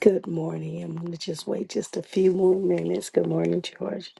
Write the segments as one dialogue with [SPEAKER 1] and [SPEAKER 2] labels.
[SPEAKER 1] Good morning. I'm going to just wait just a few more minutes. Good morning, George.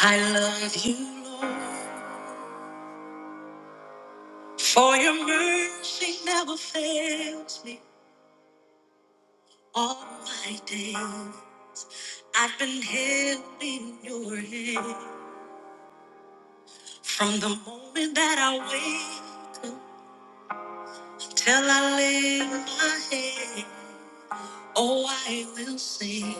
[SPEAKER 1] I love you, Lord, for your mercy never fails me all my day. I've been held in your hand from the moment that I wake up till I lay my head. Oh, I will sing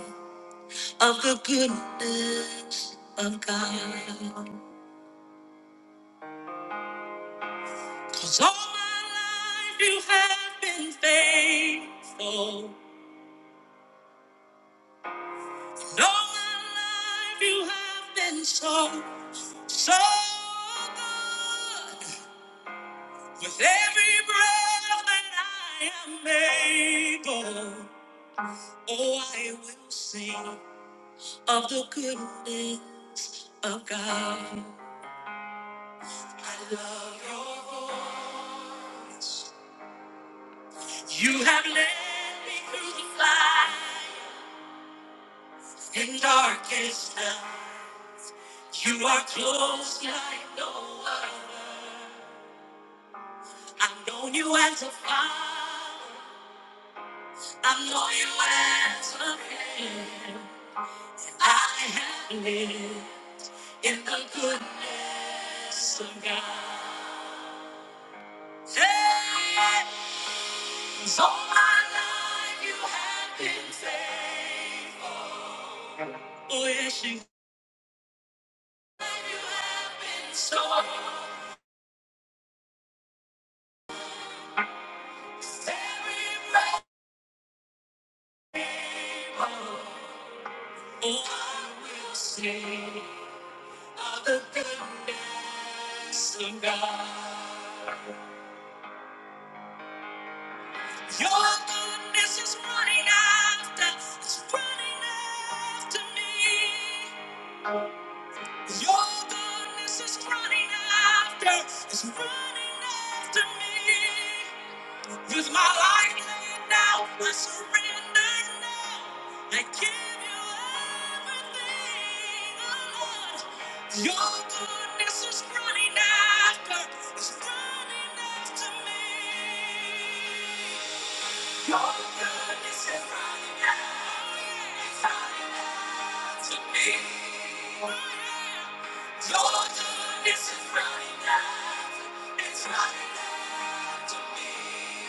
[SPEAKER 1] of the goodness of God. 'Cause all my life you have been faithful. all my life you have been so, so good. With every breath that I am able, oh, I will sing of the goodness of God. I love your voice. You have led me through the fire. In darkest hell, you are close like no other. I've known you as a father. I've known you as a friend. I have lived in the goodness of God. Days all my life you have been faithful. Oh yes, you you have been so very faithful. Oh, I will sing of the goodness of God. Your goodness is running after, it's running after me. Your goodness is running after, it's running after me. Use my life now. I surrender now. I give you everything, oh Lord. Your goodness is running after, is running after me. Your goodness is running out, it's running out to me. Your goodness is running out, it's running out to me.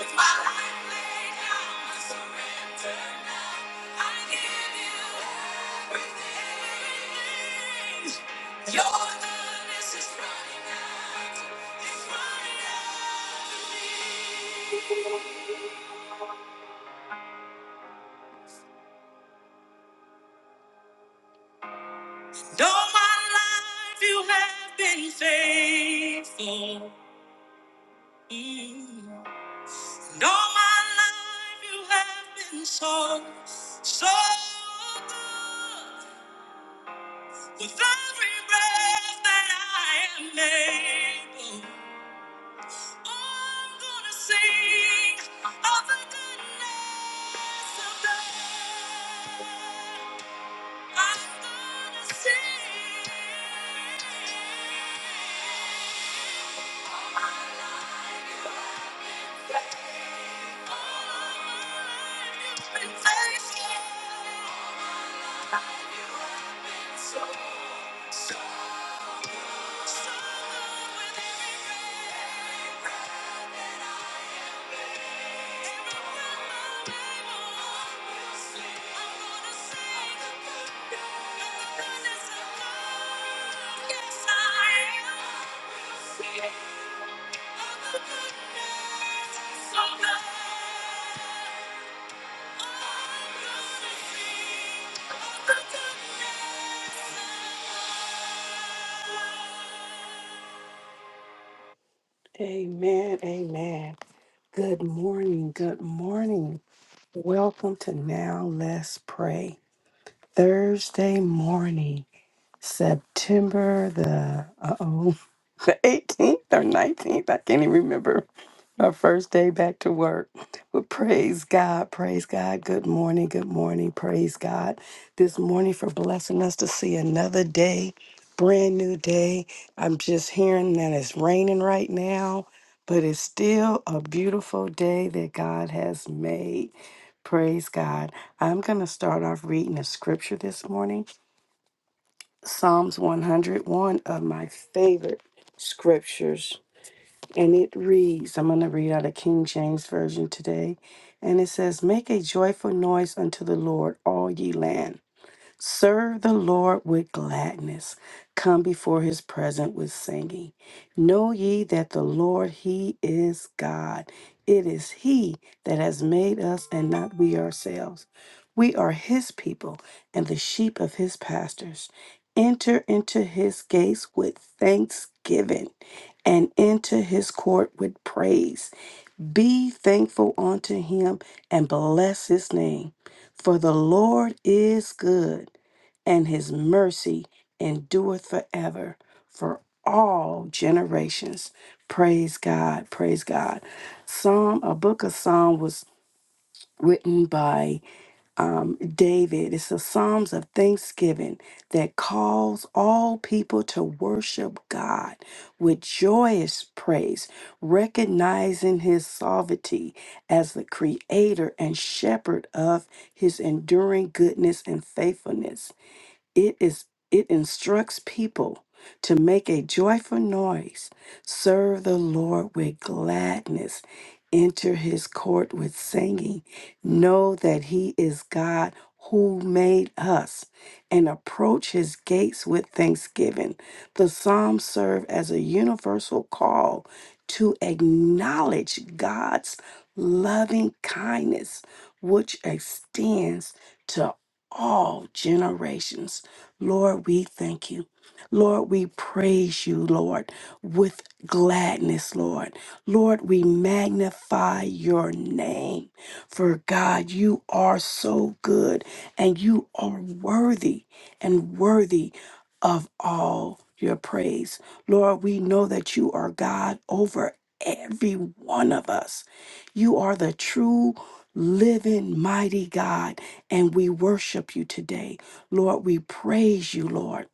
[SPEAKER 1] With my life laid down, I surrender now. I give you everything. Your goodness is running out, it's running out to me. All my life you have been faithful. Mm. Though my life you have been so, so good. With every breath that I am able, I'm gonna sing of the goodness of God. I'm gonna sing. Yes, I am. Amen. Amen. Good morning. Good morning. Welcome to Now Let's Pray Thursday morning. September the uh oh the eighteenth or nineteenth. I can't even remember. Our first day back to work. But praise God, praise God. Good morning, good morning, praise God. This morning for blessing us to see another day, brand new day. I'm just hearing that it's raining right now, but it's still a beautiful day that God has made. Praise God. I'm going to start off reading a scripture this morning Psalms 101 of my favorite scriptures. And it reads, I'm going to read out of King James Version today. And it says, Make a joyful noise unto the Lord, all ye land. Serve the Lord with gladness. Come before his presence with singing. Know ye that the Lord, he is God. It is he that has made us and not we ourselves. We are his people and the sheep of his pastors. Enter into his gates with thanksgiving and into his court with praise. Be thankful unto him and bless his name. For the Lord is good and his mercy endureth forever for all generations. Praise God, praise God. Psalm, a book of Psalm was written by um, David. It's the Psalms of Thanksgiving that calls all people to worship God with joyous praise, recognizing his sovereignty as the creator and shepherd of his enduring goodness and faithfulness. It is it instructs people to make a joyful noise, serve the Lord with gladness, enter his court with singing, know that he is God who made us, and approach his gates with thanksgiving. The Psalms serve as a universal call to acknowledge God's loving kindness, which extends to all generations. Lord, we thank you. Lord, we praise you, Lord, with gladness, Lord. Lord, we magnify your name. For God, you are so good and you are worthy and worthy of all your praise. Lord, we know that you are God over every one of us. You are the true, living, mighty God, and we worship you today. Lord, we praise you, Lord.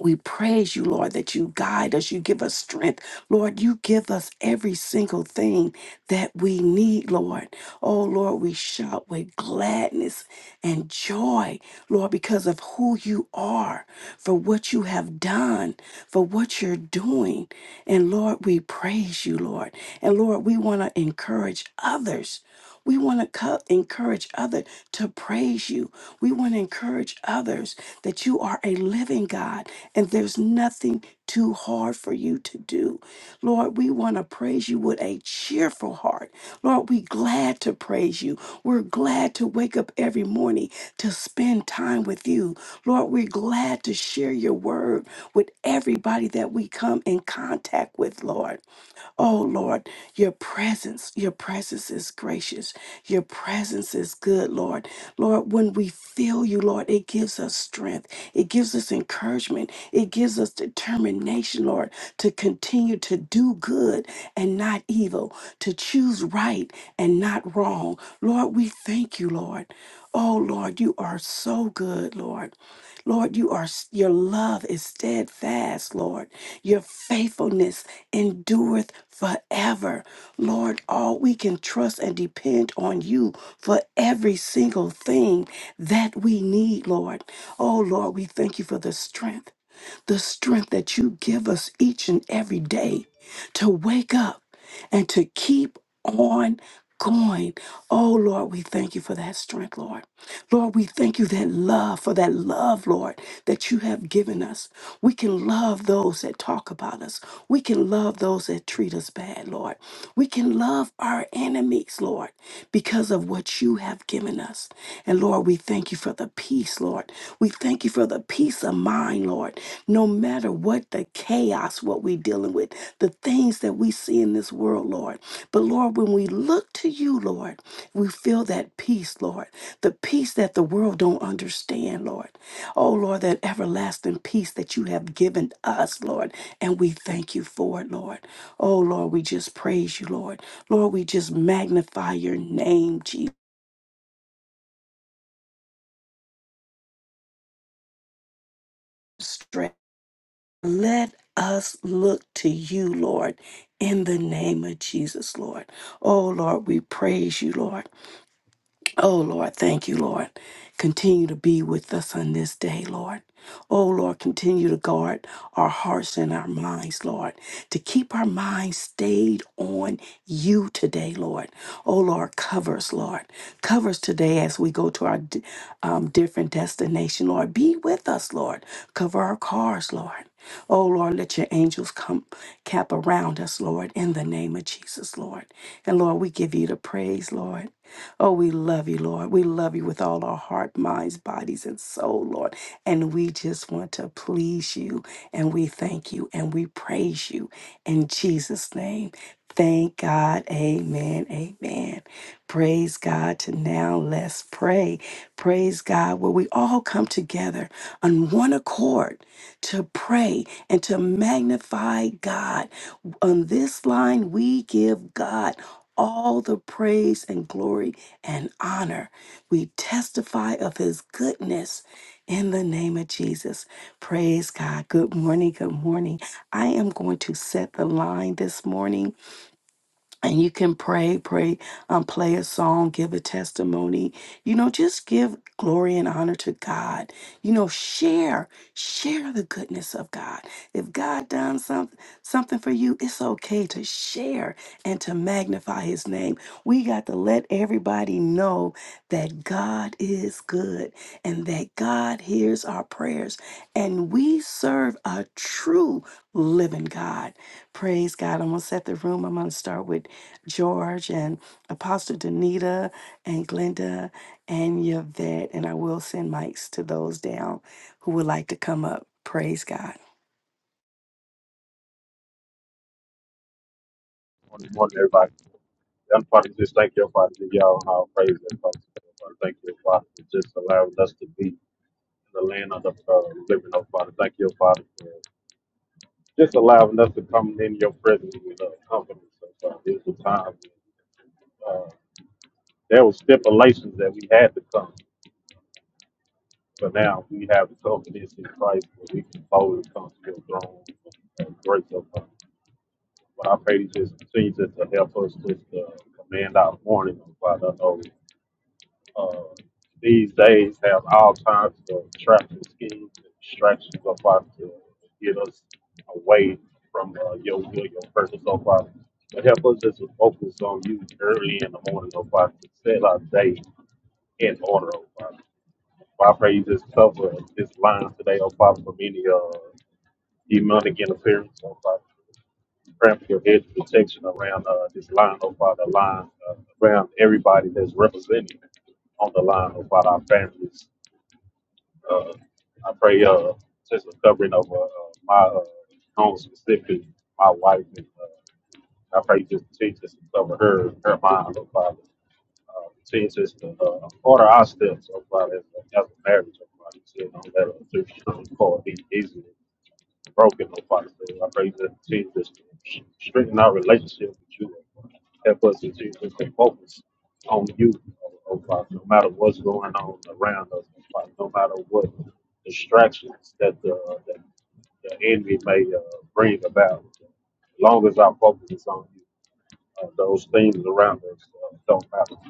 [SPEAKER 1] We praise you, Lord, that you guide us, you give us strength. Lord, you give us every single thing that we need, Lord. Oh, Lord, we shout with gladness and joy, Lord, because of who you are, for what you have done, for what you're doing. And Lord, we praise you, Lord. And Lord, we want to encourage others. We want to co- encourage others to praise you. We want to encourage others that you are a living God, and there's nothing too hard for you to do. Lord, we want to praise you with a cheerful heart. Lord, we glad to praise you. We're glad to wake up every morning to spend time with you. Lord, we're glad to share your word with everybody that we come in contact with, Lord. Oh Lord, your presence, your presence is gracious. Your presence is good, Lord. Lord, when we feel you, Lord, it gives us strength. It gives us encouragement. It gives us determination, Lord, to continue to do good and not evil, to choose right and not wrong. Lord, we thank you, Lord. Oh Lord, you are so good, Lord. Lord, you are your love is steadfast, Lord. Your faithfulness endureth forever. Lord, all we can trust and depend on you for every single thing that we need, Lord. Oh Lord, we thank you for the strength the strength that you give us each and every day to wake up and to keep on going. Oh, Lord, we thank you for that strength, Lord. Lord, we thank you that love, for that love, Lord, that you have given us. We can love those that talk about us. We can love those that treat us bad, Lord. We can love our enemies, Lord, because of what you have given us. And Lord, we thank you for the peace, Lord. We thank you for the peace of mind, Lord. No matter what the chaos, what we're dealing with, the things that we see in this world, Lord. But Lord, when we look to you, Lord, we feel that peace, Lord. The peace that the world don't understand, Lord. Oh, Lord, that everlasting peace that you have given us, Lord. And we thank you for it, Lord. Oh, Lord, we just praise you, Lord. Lord, we just magnify your name, Jesus. Let us look to you, Lord, in the name of Jesus, Lord. Oh, Lord, we praise you, Lord. Oh, Lord, thank you, Lord. Continue to be with us on this day, Lord. Oh, Lord, continue to guard our hearts and our minds, Lord, to keep our minds stayed on you today, Lord. Oh, Lord, cover us, Lord. Cover us today as we go to our d- um, different destination, Lord. Be with us, Lord. Cover our cars, Lord. Oh, Lord, let your angels come cap around us, Lord, in the name of Jesus, Lord. And Lord, we give you the praise, Lord. Oh, we love you, Lord. We love you with all our heart, minds, bodies, and soul, Lord. And we just want to please you. And we thank you and we praise you in Jesus' name. Thank God. Amen. Amen. Praise God to now. Let's pray. Praise God where we all come together on one accord to pray and to magnify God. On this line, we give God all the praise and glory and honor. We testify of his goodness in the name of Jesus. Praise God. Good morning. Good morning. I am going to set the line this morning and you can pray, pray, um, play a song, give a testimony. You know, just give glory and honor to God. You know, share, share the goodness of God. If God done something something for you, it's okay to share and to magnify His name. We got to let everybody know that God is good and that God hears our prayers, and we serve a true living God. Praise God! I'm gonna set the room. I'm gonna start with. George and Apostle Danita and Glenda and Yvette. And I will send mics to those down who would like to come up. Praise God.
[SPEAKER 2] Morning, morning, everybody. And Father, just thank you, oh, Father, for y'all how praise and Father. Father, Thank you, oh, Father, for just allowing us to be in the land of the uh, living, oh Father. Thank you, oh, Father, for just allowing us to come in your presence with uh, confidence. Oh, Father, it was a time uh, there were stipulations that we had to come, but now we have the confidence in Christ where we can boldly come to your throne and grace of God. But I pray you just continue just to help us just uh, command our morning, oh Father. uh, these days have all kinds of traffic schemes and distractions up out there to get us away from uh, your will, your purpose up out. there. But help us just to focus on you early in the morning up out to set our day in order up out. there. Father, I pray you just cover this line today up out from any uh, demonic interference up out Grant your hedge of protection around uh, this line, oh Father, line uh, around everybody that's represented on the line, oh Father, our families. Uh, I pray uh, just a covering over uh, my uh, own specific, my wife, and uh, I pray you just continue just to cover her, her mind, oh Father. Uh, continue just to uh, order our steps, oh Father, as a as a marriage, oh Father. So don't let us drift short easily broken, oh Father. So I pray that Jesus strengthen our relationship with you. Help us to Jesus stay focused on you, oh oh Father, no matter what's going on around us, oh Father, no matter what distractions that the, uh, that the enemy may uh, bring about. As long as our focus is on you, uh, those things around us uh, don't matter.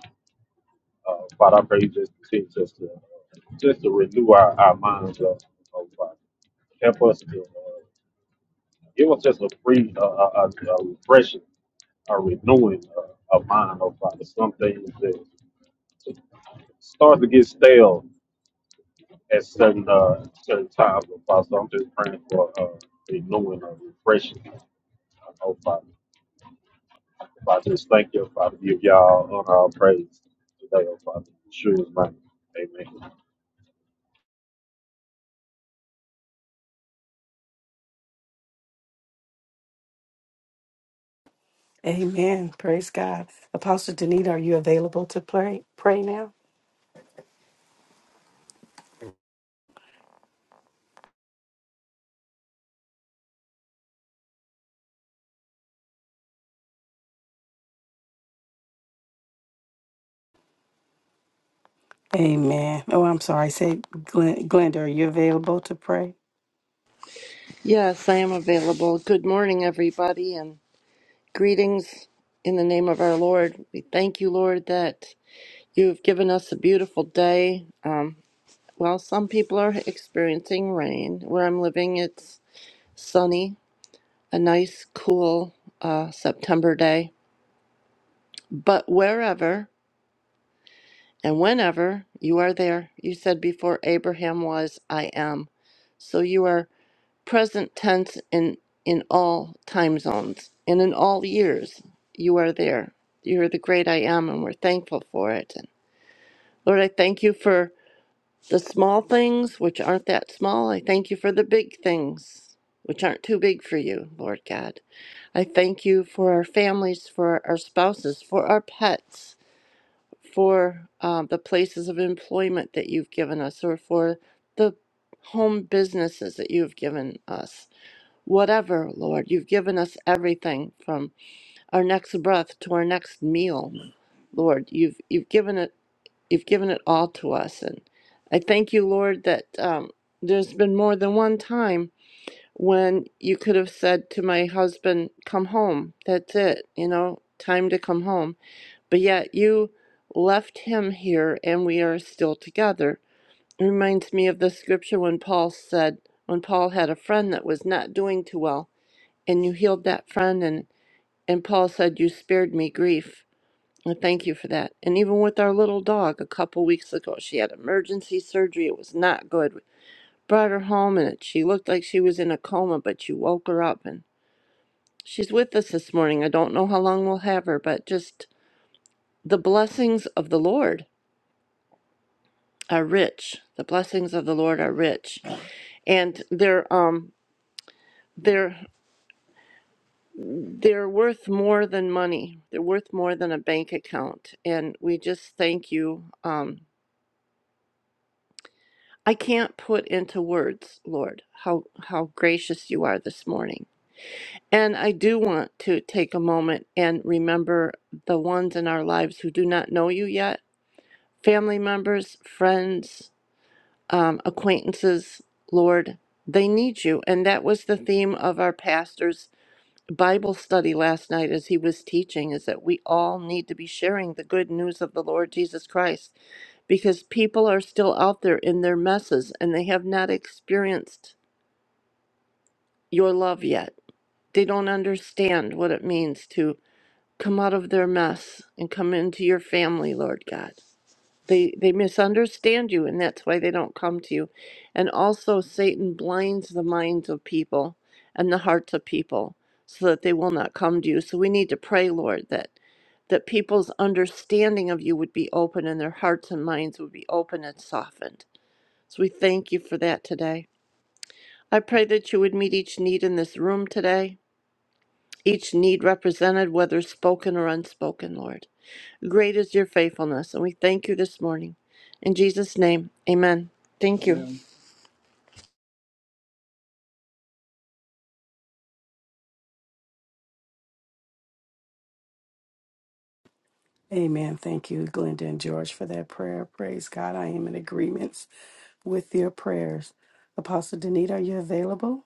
[SPEAKER 2] Uh, Father, I pray you just continue just to, just to renew our, our minds, oh oh Father help us to, uh, it was just a free, uh, a, a a refreshing, a renewing uh, of mind of uh, some things that start to get stale at certain uh, certain times. Of So I'm just praying for uh, renewing or refreshing. I know, Father. Father, just thank you, Father. Give y'all honor, all praise today, oh Father. In Yeshua's name. Amen.
[SPEAKER 1] Amen. Praise God. Apostle Danita, are you available to pray pray now? Amen. Oh, I'm sorry. Say, Glen- Glenda, are you available to pray?
[SPEAKER 3] Yes, I am available. Good morning, everybody, and greetings in the name of our Lord. We thank you, Lord, that you've given us a beautiful day. Um, well, some people are experiencing rain. Where I'm living, it's sunny, a nice, cool uh, September day. But wherever and whenever you are there, you said before Abraham was, I am. So you are present tense in in all time zones and in all years you are there you are the great i am and we're thankful for it and lord i thank you for the small things which aren't that small i thank you for the big things which aren't too big for you lord god i thank you for our families for our spouses for our pets for um, the places of employment that you've given us or for the home businesses that you've given us Whatever, Lord, you've given us everything from our next breath to our next meal. Lord, you've you've given it you've given it all to us, and I thank you, Lord, that um, there's been more than one time when you could have said to my husband, "Come home. That's it. You know, time to come home." But yet you left him here, and we are still together. It reminds me of the scripture when Paul said, when Paul had a friend that was not doing too well and you healed that friend and and Paul said you spared me grief. And thank you for that. And even with our little dog a couple weeks ago, she had emergency surgery. It was not good. Brought her home and it, she looked like she was in a coma, but you woke her up and she's with us this morning. I don't know how long we'll have her, but just the blessings of the Lord are rich. The blessings of the Lord are rich. And they're um they're They're worth more than money. They're worth more than a bank account. And we just thank you. Um, I can't put into words, Lord, how, how gracious you are this morning. And I do want to take a moment and remember the ones in our lives who do not know you yet family members, friends, um, acquaintances, Lord, they need you. And that was the theme of our pastors Bible study last night as he was teaching is that we all need to be sharing the good news of the Lord Jesus Christ because people are still out there in their messes and they have not experienced your love yet. They don't understand what it means to come out of their mess and come into your family, Lord God they they misunderstand you and that's why they don't come to you and also satan blinds the minds of people and the hearts of people so that they will not come to you so we need to pray lord that that people's understanding of you would be open and their hearts and minds would be open and softened so we thank you for that today i pray that you would meet each need in this room today each need represented whether spoken or unspoken lord Great is your faithfulness, and we thank you this morning. In Jesus' name, amen. Thank you. Amen.
[SPEAKER 1] Amen. Thank you, Glenda and George, for that prayer. Praise God. I am in agreements with your prayers. Apostle Danita, are you available?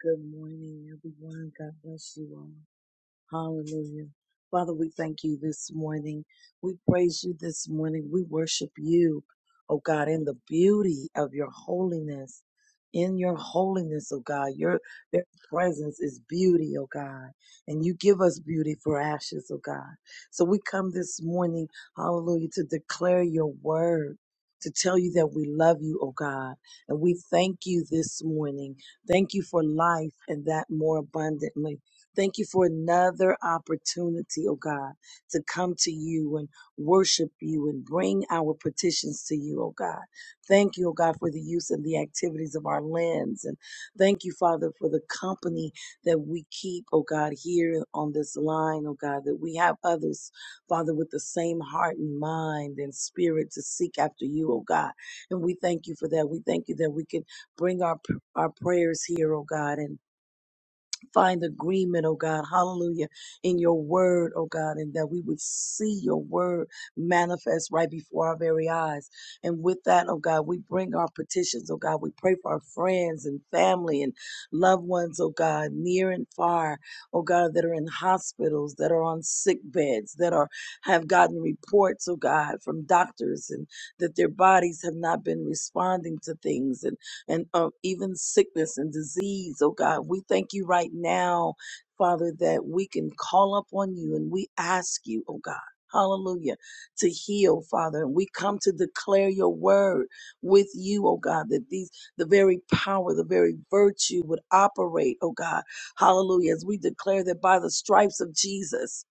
[SPEAKER 4] Good morning, everyone. God bless you all. Hallelujah. Father, we thank you this morning. We praise you this morning. We worship you, oh God, in the beauty of your holiness. In your holiness, oh God, your their presence is beauty, oh God. And you give us beauty for ashes, oh God. So we come this morning, hallelujah, to declare your word, to tell you that we love you, oh God. And we thank you this morning. Thank you for life and that more abundantly. Thank you for another opportunity, oh God, to come to you and worship you and bring our petitions to you, oh God. Thank you, oh God, for the use and the activities of our lands. And thank you, Father, for the company that we keep, oh God, here on this line, oh God, that we have others, Father, with the same heart and mind and spirit to seek after you, oh God. And we thank you for that. We thank you that we can bring our, our prayers here, oh God, and find agreement, oh God, hallelujah, in your word, oh God, and that we would see your word manifest right before our very eyes. And with that, oh God, we bring our petitions, oh God, we pray for our friends and family and loved ones, oh God, near and far, oh God, that are in hospitals, that are on sick beds, that are have gotten reports, oh God, from doctors and that their bodies have not been responding to things. And and of even sickness and disease, oh God. We thank you right now, Father, that we can call up on you and we ask you, oh God. Hallelujah. To heal, Father. And we come to declare your word with you, oh God, that these the very power, the very virtue would operate, oh God. Hallelujah. As we declare that by the stripes of Jesus,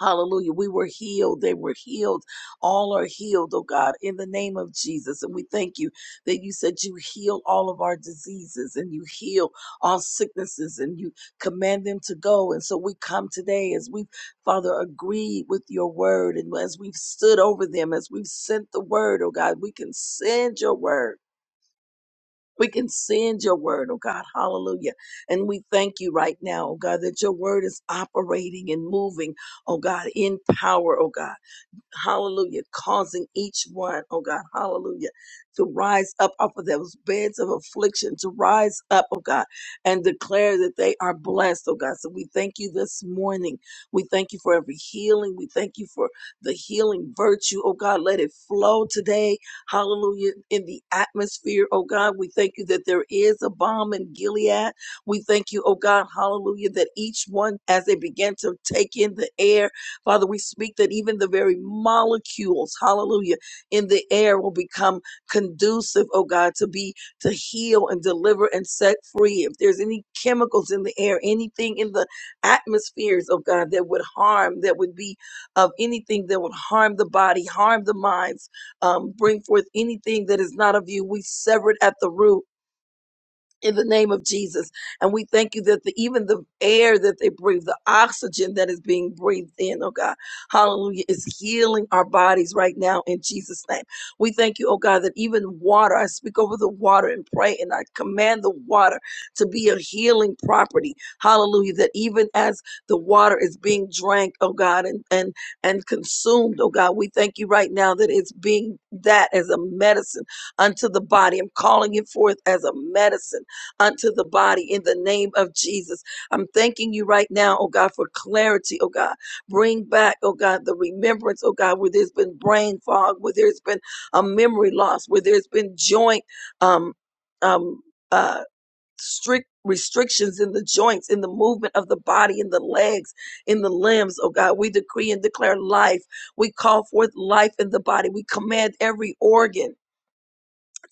[SPEAKER 4] Hallelujah. We were healed. They were healed. All are healed, oh God, in the name of Jesus. And we thank you that you said you heal all of our diseases and you heal all sicknesses and you command them to go. And so we come today as we've, Father, agreed with your word and as we've stood over them, as we've sent the word, oh God, we can send your word. We can send your word, oh God. Hallelujah. And we thank you right now, oh God, that your word is operating and moving, oh God, in power, oh God hallelujah, causing each one, oh God, hallelujah, to rise up off of those beds of affliction, to rise up, oh God, and declare that they are blessed, oh God. So we thank you this morning. We thank you for every healing. We thank you for the healing virtue, oh God. Let it flow today, hallelujah, in the atmosphere, oh God. We thank you that there is a bomb in Gilead. We thank you, oh God, hallelujah, that each one, as they begin to take in the air, Father, we speak that even the very molecules, hallelujah, in the air will become conducive, oh God, to be to heal and deliver and set free. If there's any chemicals in the air, anything in the atmospheres, oh God, that would harm, that would be of anything that would harm the body, harm the minds, um, bring forth anything that is not of you, we sever it at the root in the name of Jesus. And we thank you that the, even the air that they breathe, the oxygen that is being breathed in, oh God, hallelujah, is healing our bodies right now in Jesus' name. We thank you, oh God, that even water, I speak over the water and pray and I command the water to be a healing property. Hallelujah, that even as the water is being drank, oh God, and, and, and consumed, oh God, we thank you right now that it's being that as a medicine unto the body. I'm calling it forth as a medicine unto the body in the name of Jesus. I'm thanking you right now, oh God, for clarity, oh God. Bring back, oh God, the remembrance, oh God, where there's been brain fog, where there's been a memory loss, where there's been joint um um uh strict restrictions in the joints, in the movement of the body, in the legs, in the limbs, oh God. We decree and declare life. We call forth life in the body. We command every organ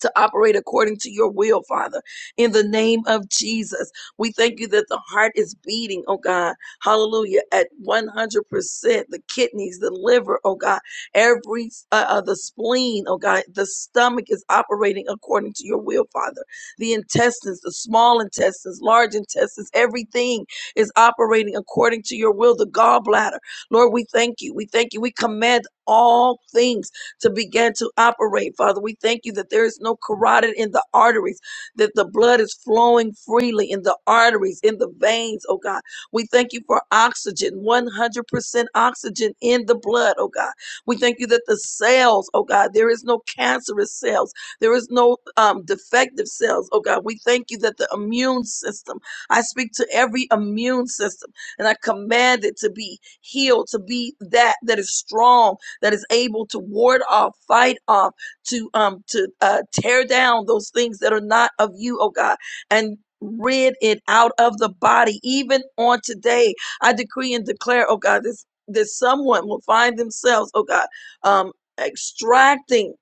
[SPEAKER 4] to operate according to your will, Father. In the name of Jesus, we thank you that the heart is beating, oh God. Hallelujah. At 100%, the kidneys, the liver, oh God, every, uh, uh, the spleen, oh God, the stomach is operating according to your will, Father. The intestines, the small intestines, large intestines, everything is operating according to your will. The gallbladder, Lord, we thank you. We thank you. We command all things to begin to operate, Father. We thank you that there is no carotid in the arteries, that the blood is flowing freely in the arteries, in the veins, oh God. We thank you for oxygen, 100% oxygen in the blood, oh God. We thank you that the cells, oh God, there is no cancerous cells, there is no um, defective cells, oh God. We thank you that the immune system, I speak to every immune system and I command it to be healed, to be that that is strong that is able to ward off, fight off, to um to uh, tear down those things that are not of you, oh God, and rid it out of the body. Even on today, I decree and declare, oh God, this that someone will find themselves, oh God, um, extracting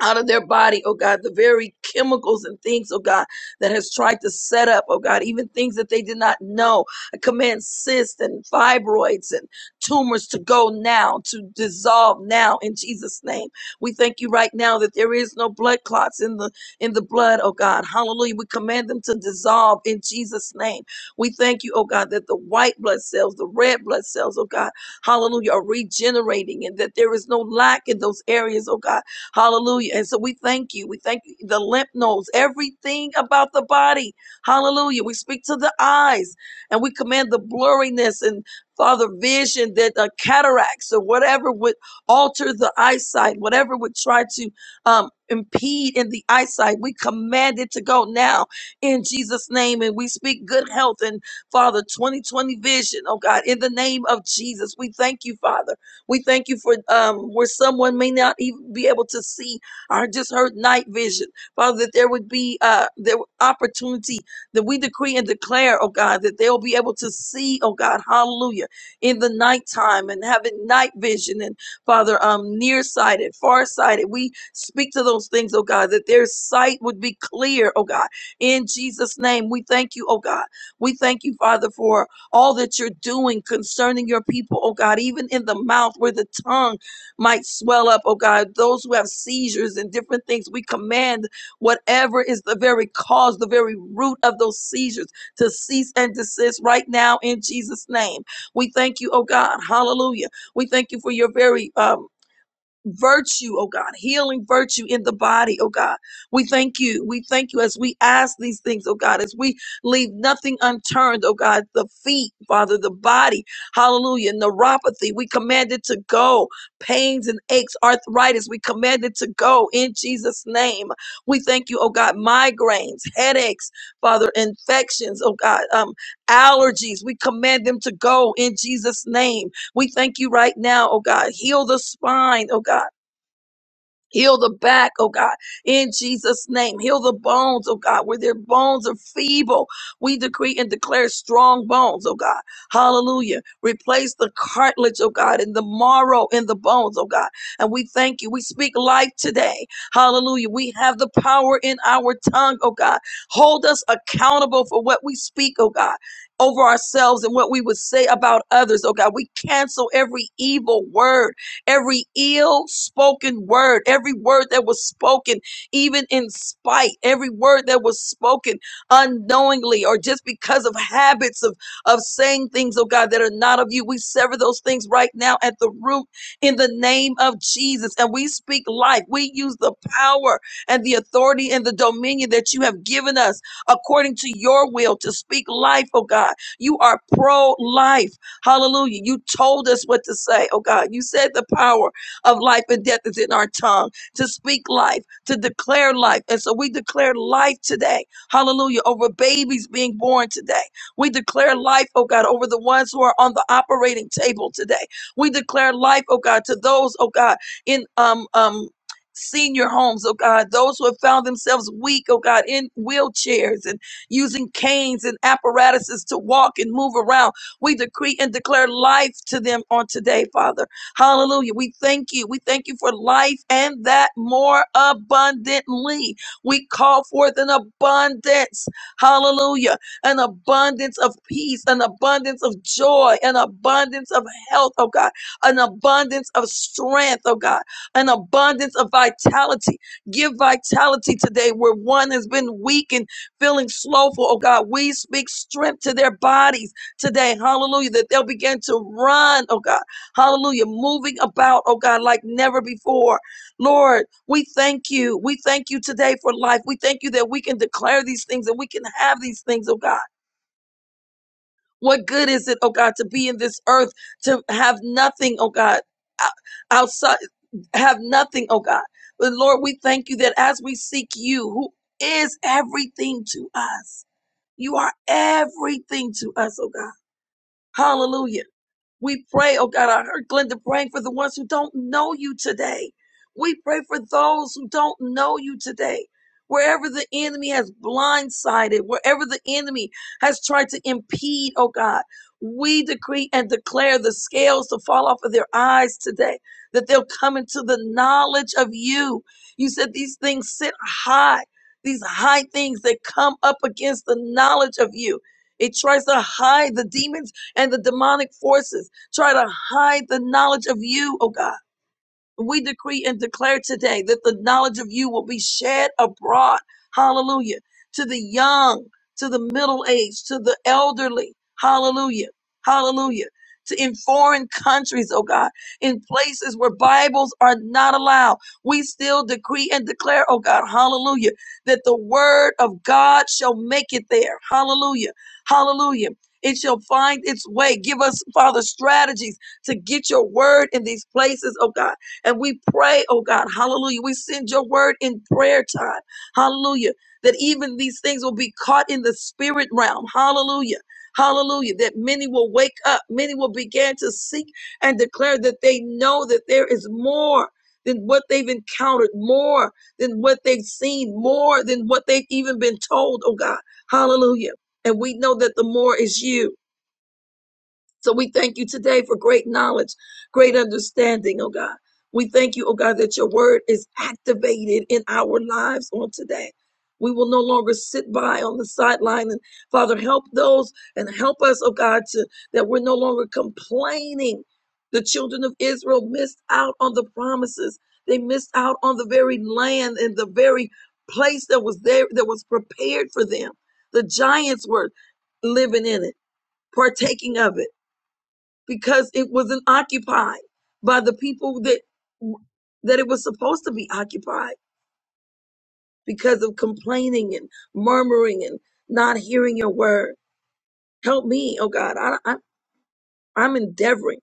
[SPEAKER 4] out of their body, oh God, the very chemicals and things, oh God, that has tried to set up, oh God, even things that they did not know. I command cysts and fibroids and tumors to go now, to dissolve now in Jesus' name. We thank you right now that there is no blood clots in the in the blood, oh God. Hallelujah. We command them to dissolve in Jesus' name. We thank you, oh God, that the white blood cells, the red blood cells, oh God, hallelujah, are regenerating and that there is no lack in those areas, oh God Hallelujah. And so we thank you. We thank you. The lymph nodes, everything about the body. Hallelujah. We speak to the eyes and we command the blurriness and Father, vision that uh, cataracts or whatever would alter the eyesight, whatever would try to um, impede in the eyesight, we command it to go now in Jesus' name. And we speak good health and Father, 2020 vision, oh God, in the name of Jesus. We thank you, Father. We thank you for um, where someone may not even be able to see or just heard night vision. Father, that there would be uh, the opportunity that we decree and declare, oh God, that they'll be able to see, oh God, hallelujah, in the nighttime and having night vision and Father, um, nearsighted, farsighted. We speak to those things, oh God, that their sight would be clear, oh God. In Jesus' name, we thank you, oh God. We thank you, Father, for all that you're doing concerning your people, oh God, even in the mouth where the tongue might swell up, oh God, those who have seizures and different things, we command whatever is the very cause, the very root of those seizures to cease and desist right now in Jesus' name. We thank you, oh God, hallelujah. We thank you for your very um, virtue, oh God, healing virtue in the body, oh God. We thank you. We thank you as we ask these things, oh God, as we leave nothing unturned, oh God, the feet, Father, the body, hallelujah, neuropathy, we command it to go. Pains and aches, arthritis, we command it to go in Jesus' name. We thank you, oh God, migraines, headaches, Father, infections, oh God, um, allergies, we command them to go in Jesus' name we thank you right now, oh God. Heal the spine, oh God. Heal the back, oh God, in Jesus' name. Heal the bones, oh God, where their bones are feeble. We decree and declare strong bones, oh God. Hallelujah. Replace the cartilage, oh God, and the marrow in the bones, oh God. And we thank you. We speak life today. Hallelujah. We have the power in our tongue, oh God. Hold us accountable for what we speak, oh God. Over ourselves and what we would say about others, oh God. We cancel every evil word every ill spoken word, every word that was spoken, even in spite, every word that was spoken unknowingly or just because of habits of, of saying things, oh God, that are not of you. We sever those things right now at the root in the name of Jesus. And we speak life. We use the power and the authority and the dominion that you have given us according to your will to speak life, oh God. You are pro life. Hallelujah. You told us what to say, oh God. You said the power of life and death is in our tongue to speak life, to declare life. And so we declare life today. Hallelujah. Over babies being born today. We declare life, oh God, over the ones who are on the operating table today. We declare life, oh God, to those, oh God, in um um senior homes, oh God, those who have found themselves weak, oh God, in wheelchairs and using canes and apparatuses to walk and move around. We decree and declare life to them on today, Father. Hallelujah. We thank you. We thank you for life and that more abundantly. We call forth an abundance. Hallelujah. An abundance of peace, an abundance of joy, an abundance of health, oh God, an abundance of strength, oh God, an abundance of vitality. Give vitality today where one has been weak and feeling slowful, oh God. We speak strength to their bodies today, hallelujah, that they'll begin to run, oh God, hallelujah, moving about, oh God, like never before. Lord, we thank you. We thank you today for life. We thank you that we can declare these things and we can have these things, oh God. What good is it, oh God, to be in this earth, to have nothing, oh God, out- outside, have nothing, oh God. But Lord, we thank you that as we seek you, who is everything to us, you are everything to us, oh God. Hallelujah. We pray, oh God, I heard Glenda praying for the ones who don't know you today. We pray for those who don't know you today. Wherever the enemy has blindsided, wherever the enemy has tried to impede, oh God, we decree and declare the scales to fall off of their eyes today, that they'll come into the knowledge of you. You said these things sit high, these high things that come up against the knowledge of you. It tries to hide the demons and the demonic forces try to hide the knowledge of you, oh God. We decree and declare today that the knowledge of you will be shed abroad. Hallelujah. To the young, to the middle aged, to the elderly. Hallelujah. Hallelujah. To in foreign countries, oh God, in places where Bibles are not allowed. We still decree and declare, oh God, hallelujah, that the word of God shall make it there. Hallelujah. Hallelujah. It shall find its way. Give us, Father, strategies to get your word in these places, oh God and we pray, oh God, hallelujah. We send your word in prayer time, hallelujah, that even these things will be caught in the spirit realm, hallelujah. Hallelujah, that many will wake up, many will begin to seek and declare that they know that there is more than what they've encountered, more than what they've seen, more than what they've even been told, oh God. Hallelujah. And we know that the more is you. So we thank you today for great knowledge, great understanding, oh God. We thank you, oh God, that your word is activated in our lives on today. We will no longer sit by on the sideline and Father, help those and help us, oh God, to that we're no longer complaining. The children of Israel missed out on the promises. They missed out on the very land and the very place that was there that was prepared for them. The giants were living in it, partaking of it because it wasn't occupied by the people that that it was supposed to be occupied because of complaining and murmuring and not hearing your word. Help me, oh God. I, I I'm endeavoring.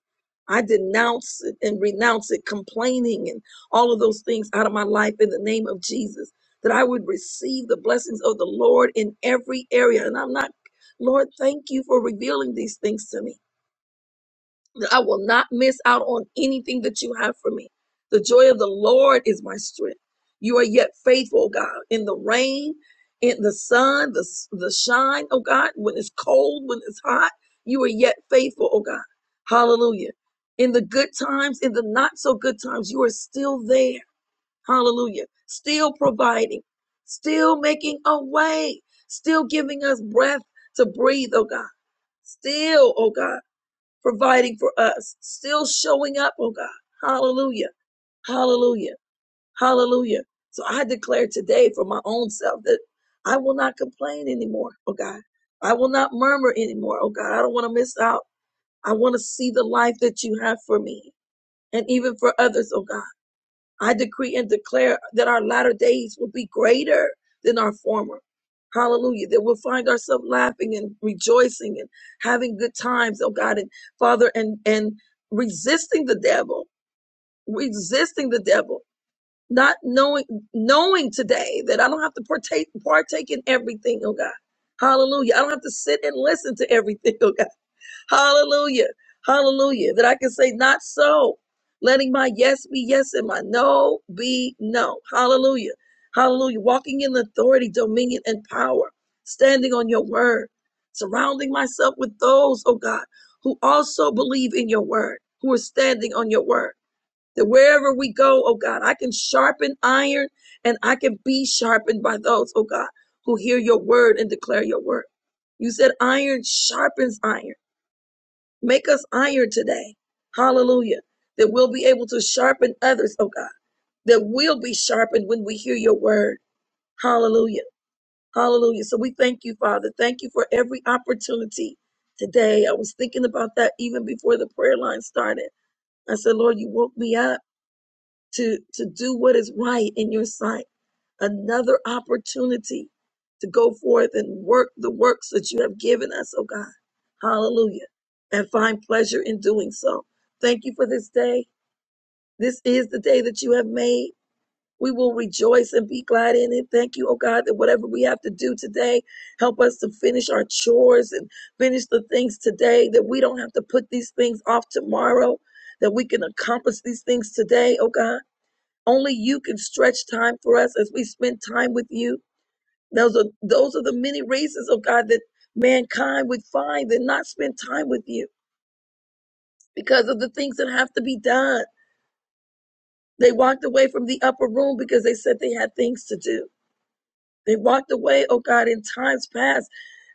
[SPEAKER 4] I denounce it and renounce it, complaining and all of those things out of my life in the name of Jesus. That I would receive the blessings of the Lord in every area. And I'm not, Lord, thank you for revealing these things to me. that I will not miss out on anything that you have for me. The joy of the Lord is my strength. You are yet faithful, oh God, in the rain, in the sun, the, the shine, oh God, when it's cold, when it's hot, you are yet faithful, oh God. Hallelujah. In the good times, in the not so good times, you are still there. Hallelujah. Still providing, still making a way, still giving us breath to breathe, oh God still, oh God providing for us, still showing up, oh God. Hallelujah. Hallelujah. Hallelujah. So I declare today for my own self that I will not complain anymore, oh God. I will not murmur anymore, oh God. I don't want to miss out. I want to see the life that you have for me and even for others, oh God. I decree and declare that our latter days will be greater than our former. Hallelujah. That we'll find ourselves laughing and rejoicing and having good times, oh God, and Father, and and resisting the devil, resisting the devil, not knowing knowing today that I don't have to partake partake in everything, oh God. Hallelujah. I don't have to sit and listen to everything, Oh God. Hallelujah. Hallelujah. That I can say, not so. Letting my yes be yes and my no be no. Hallelujah. Hallelujah. Walking in authority, dominion, and power. Standing on your word. Surrounding myself with those, oh God, who also believe in your word, who are standing on your word. That wherever we go, oh God, I can sharpen iron and I can be sharpened by those, oh God, who hear your word and declare your word. You said iron sharpens iron. Make us iron today. Hallelujah. That we'll be able to sharpen others, oh God. That we'll be sharpened when we hear your word. Hallelujah. Hallelujah. So we thank you, Father. Thank you for every opportunity today. I was thinking about that even before the prayer line started. I said, Lord, you woke me up to, to do what is right in your sight another opportunity to go forth and work the works that you have given us, oh God. Hallelujah. And find pleasure in doing so. Thank you for this day. This is the day that you have made. We will rejoice and be glad in it. Thank you, oh God, that whatever we have to do today, help us to finish our chores and finish the things today, that we don't have to put these things off tomorrow, that we can accomplish these things today, oh God. Only you can stretch time for us as we spend time with you. Those are those are the many reasons, oh God, that mankind would find and not spend time with you because of the things that have to be done. They walked away from the upper room because they said they had things to do. They walked away, oh God, in times past,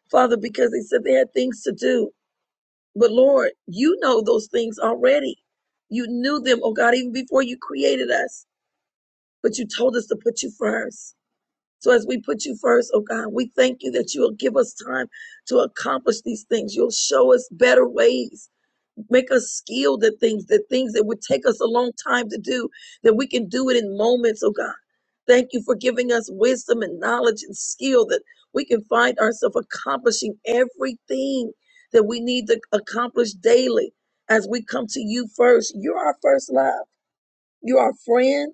[SPEAKER 4] Father, because they said they had things to do. But Lord, you know those things already. You knew them, oh God, even before you created us. But you told us to put you first. So as we put you first, oh God, we thank you that you will give us time to accomplish these things. You'll show us better ways, make us skilled at things, the things that would take us a long time to do, that we can do it in moments, oh God. Thank you for giving us wisdom and knowledge and skill that we can find ourselves accomplishing everything that we need to accomplish daily as we come to you first. You're our first love. You're our friend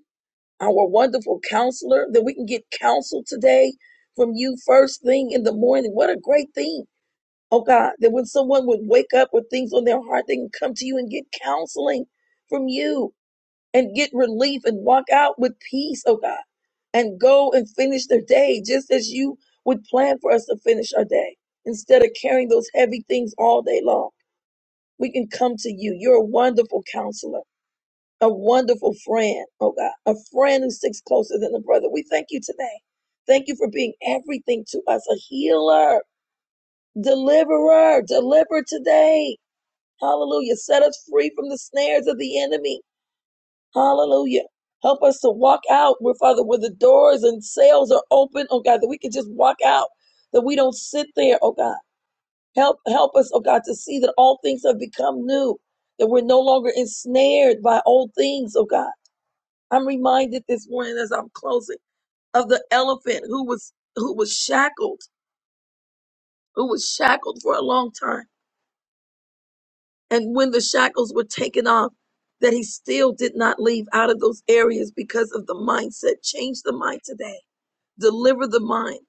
[SPEAKER 4] our wonderful counselor, that we can get counsel today from you first thing in the morning. What a great thing. Oh God, that when someone would wake up with things on their heart, they can come to you and get counseling from you and get relief and walk out with peace, oh God, and go and finish their day just as you would plan for us to finish our day. Instead of carrying those heavy things all day long, we can come to you. You're a wonderful counselor a wonderful friend, oh God, a friend who sticks closer than a brother. We thank you today. Thank you for being everything to us, a healer, deliverer, deliver today. Hallelujah. Set us free from the snares of the enemy. Hallelujah. Help us to walk out, where Father, where the doors and sales are open, oh God, that we can just walk out, that we don't sit there, oh God. Help help us, oh God, to see that all things have become new, that we're no longer ensnared by old things, oh God I'm reminded this morning as I'm closing of the elephant who was who was shackled, who was shackled for a long time. And when the shackles were taken off, that he still did not leave out of those areas because of the mindset. Change the mind today. Deliver the mind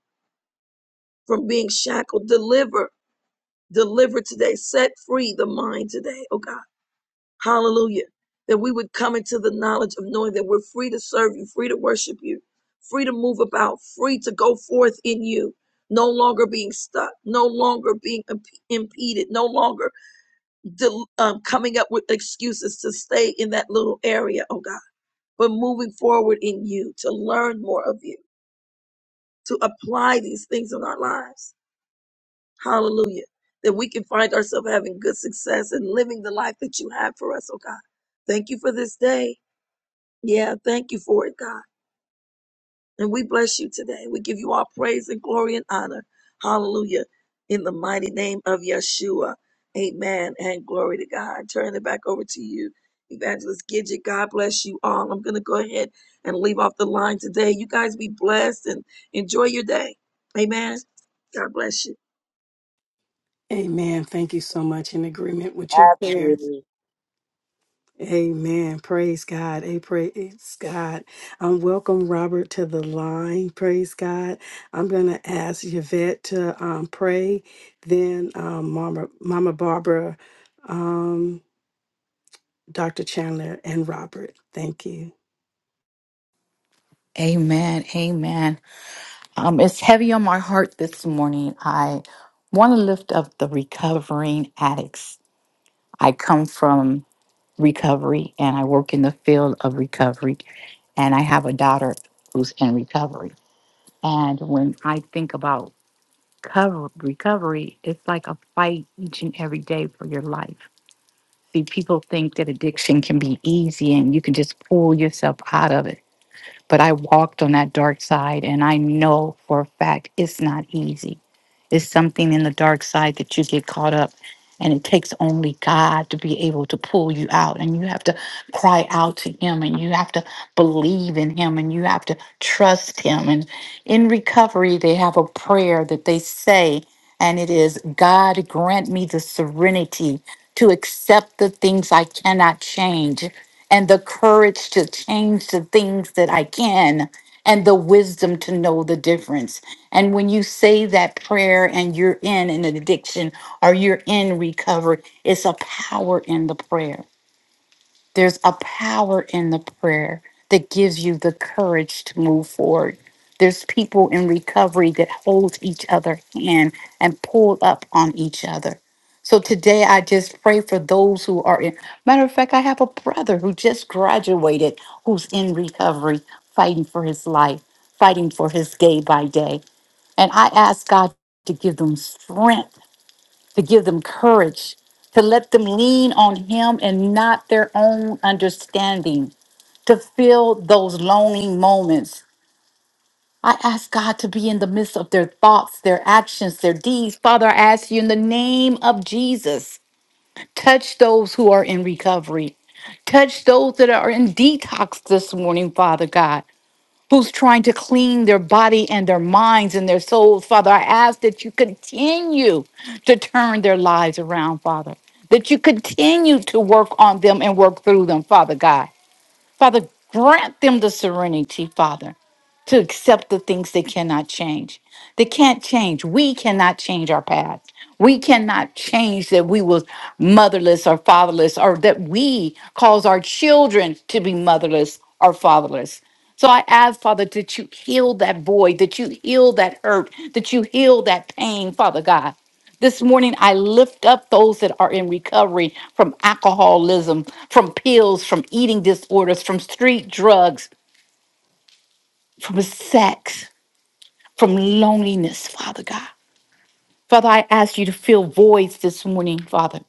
[SPEAKER 4] from being shackled. Deliver, deliver today. Set free the mind today, oh God. Hallelujah. That we would come into the knowledge of knowing that we're free to serve you, free to worship you, free to move about, free to go forth in you, no longer being stuck, no longer being imp- impeded, no longer del- um, coming up with excuses to stay in that little area, oh God, but moving forward in you to learn more of you, to apply these things in our lives. Hallelujah. That we can find ourselves having good success and living the life that you have for us, oh God. Thank you for this day. Yeah, thank you for it, God. And we bless you today. We give you all praise and glory and honor. Hallelujah. In the mighty name of Yeshua. Amen. And glory to God. Turn it back over to you, Evangelist Gidget. God bless you all. I'm going to go ahead and leave off the line today. You guys be blessed and enjoy your day. Amen. God bless you.
[SPEAKER 1] Amen. Thank you so much in agreement with your prayer.
[SPEAKER 5] Avenue.
[SPEAKER 1] Amen. Praise God. A praise God. Um, welcome Robert to the line. Praise God. I'm gonna ask Yvette to um, pray, then um, Mama Mama Barbara, um, Dr. Chandler, and Robert. Thank you.
[SPEAKER 6] Amen. Amen. Um, it's heavy on my heart this morning. I want to lift up the recovering addicts. I come from recovery and I work in the field of recovery. And I have a daughter who's in recovery. And when I think about cover, recovery, it's like a fight each and every day for your life. See, people think that addiction can be easy and you can just pull yourself out of it But I walked on that dark side, and I know for a fact it's not easy. It's something in the dark side that you get caught up, and it takes only God to be able to pull you out. And you have to cry out to Him, and you have to believe in Him, and you have to trust Him. And in recovery, they have a prayer that they say, and it is God grant me the serenity to accept the things I cannot change and the courage to change the things that I can and the wisdom to know the difference. And when you say that prayer and you're in an addiction or you're in recovery, it's a power in the prayer. There's a power in the prayer that gives you the courage to move forward. There's people in recovery that hold each other hand and pull up on each other. So today I just pray for those who are in. Matter of fact, I have a brother who just graduated who's in recovery, fighting for his life, fighting for his day by day. And I ask God to give them strength to give them courage, to let them lean on Him and not their own understanding, to fill those lonely moments. I ask God to be in the midst of their thoughts, their actions, their deeds. Father, I ask you in the name of Jesus, touch those who are in recovery. Touch those that are in detox this morning, Father God who's trying to clean their body and their minds and their souls. Father, I ask that you continue to turn their lives around, Father, that you continue to work on them and work through them, Father God. Father, grant them the serenity, Father to accept the things they cannot change. They can't change. We cannot change our past. We cannot change that we was motherless or fatherless or that we cause our children to be motherless or fatherless. So I ask, Father, that you heal that void, that you heal that hurt, that you heal that pain, Father God. This morning, I lift up those that are in recovery from alcoholism, from pills, from eating disorders, from street drugs, from sex from loneliness, Father God. Father, I ask you to fill voids this morning, Father.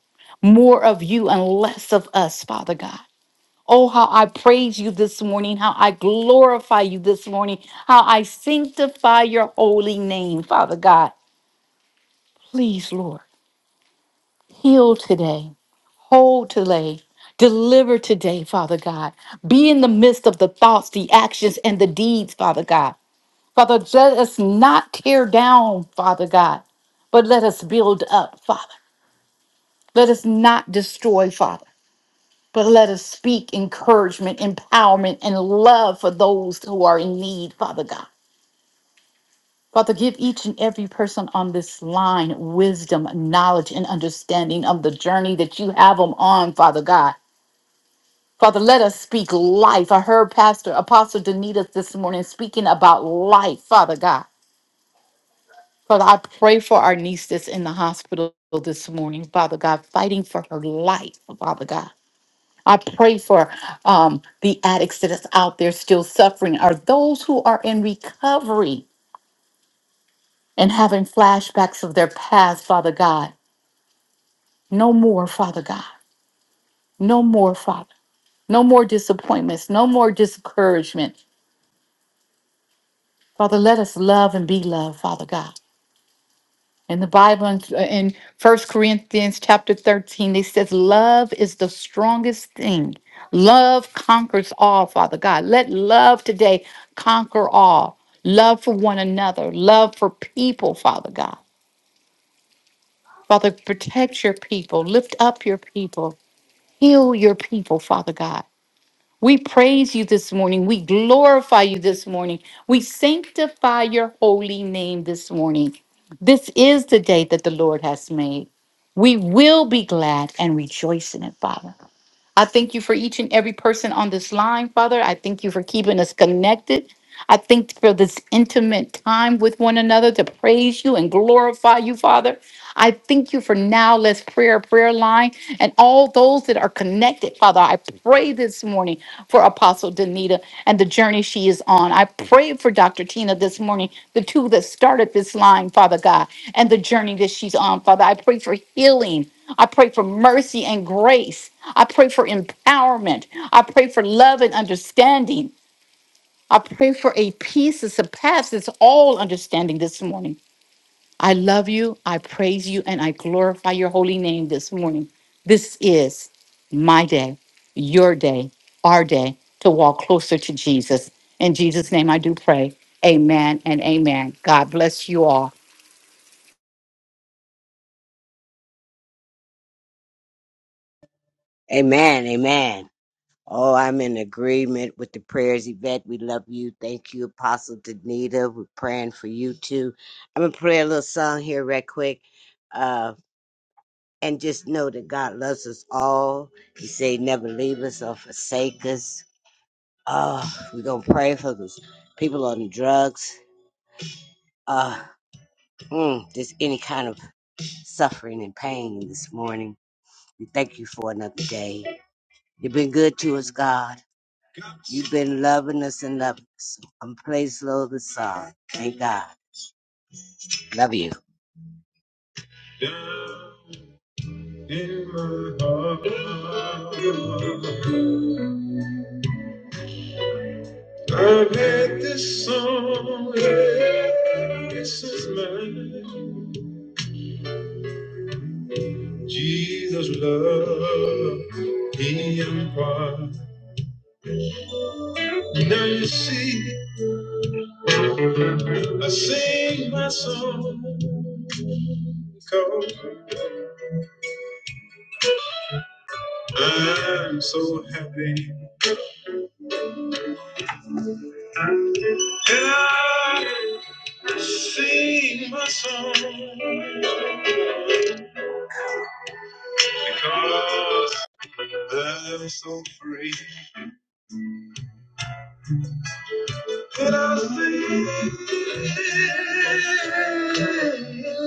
[SPEAKER 6] More of you and less of us, Father God. Oh, how I praise you this morning, how I glorify you this morning, how I sanctify your holy name, Father God. Please, Lord, heal today, hold today, deliver today, Father God. Be in the midst of the thoughts, the actions, and the deeds, Father God. Father, let us not tear down, Father God, but let us build up, Father. Let us not destroy, Father, but let us speak encouragement, empowerment, and love for those who are in need, Father God. Father, give each and every person on this line wisdom, knowledge, and understanding of the journey that you have them on, Father God. Father, let us speak life. I heard Pastor Apostle Danita this morning speaking about life, Father God. Father, I pray for our niece that's in the hospital this morning, Father God, fighting for her life, Father God. I pray for um, the addicts that is out there still suffering, or those who are in recovery and having flashbacks of their past, Father God. No more, Father God. No more, Father. No more disappointments. No more discouragement. Father, let us love and be loved, Father God. And the Bible in, in 1 Corinthians chapter 13, it says, Love is the strongest thing. Love conquers all, Father God. Let love today conquer all. Love for one another, love for people, Father God. Father, protect your people, lift up your people, heal your people, Father God. We praise you this morning. We glorify you this morning. We sanctify your holy name this morning. This is the day that the Lord has made. We will be glad and rejoice in it, Father. I thank you for each and every person on this line, Father. I thank you for keeping us connected. I thank you for this intimate time with one another to praise you and glorify you, Father. I thank you for now. Let's prayer, prayer line, and all those that are connected, Father. I pray this morning for Apostle Danita and the journey she is on. I pray for Dr. Tina this morning, the two that started this line, Father God, and the journey that she's on, Father. I pray for healing. I pray for mercy and grace. I pray for empowerment. I pray for love and understanding. I pray for a peace that surpasses all understanding this morning. I love you, I praise you, and I glorify your holy name this morning. This is my day, your day, our day to walk closer to Jesus. In Jesus' name I do pray. Amen and amen. God bless you all.
[SPEAKER 5] Amen. Amen. Oh, I'm in agreement with the prayers, Yvette. We love you. Thank you, Apostle Danita. We're praying for you too. I'm gonna play a little song here, right quick, uh, and just know that God loves us all. He say he never leave us or forsake us. Oh, we're gonna pray for those people on drugs. Uh, mm, just any kind of suffering and pain this morning. We thank you for another day. You've been good to us, God. You've been loving us and loving us. I'm praise Lord the song. Thank God. Love you. Down in my heart, I've had this song. This is mine. Jesus love. He imparts. Now you see, I sing my song. Cause I'm so happy. And I. Sing my song because I'm so free that I'll sing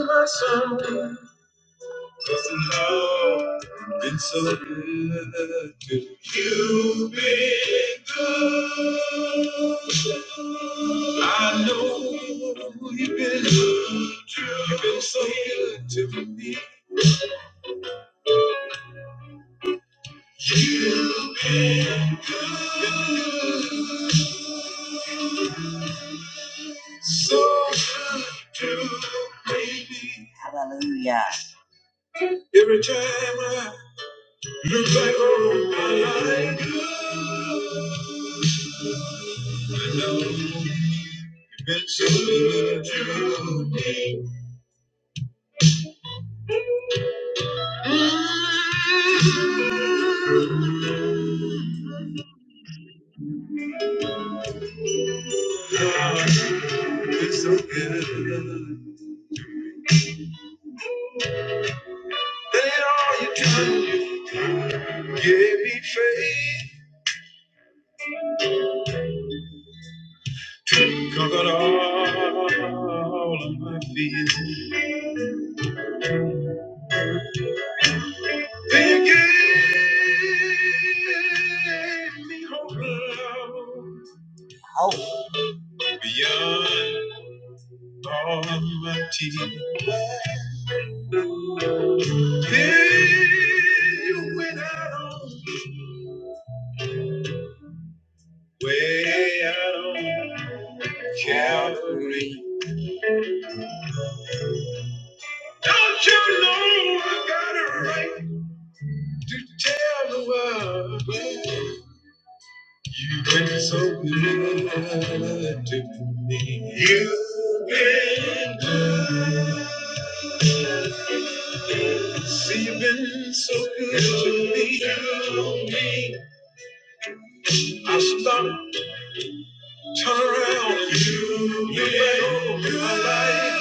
[SPEAKER 5] my song because the Lord been so good to me. You've been good. I know you've been, good. you've been so good to me. So good to me. Hallelujah. Every time I look back on my life, you've been so good to me. You've been so good. That all you do, you gave me faith to conquer all of my fears. And you gave me hope oh. beyond all my tears. Then you went out on, way out on Calvary. Don't you know I got a right to tell the world? You've been so good to me. You've been good. See, you've been so good to me. To me. I stop, turn around. You've been right over my life.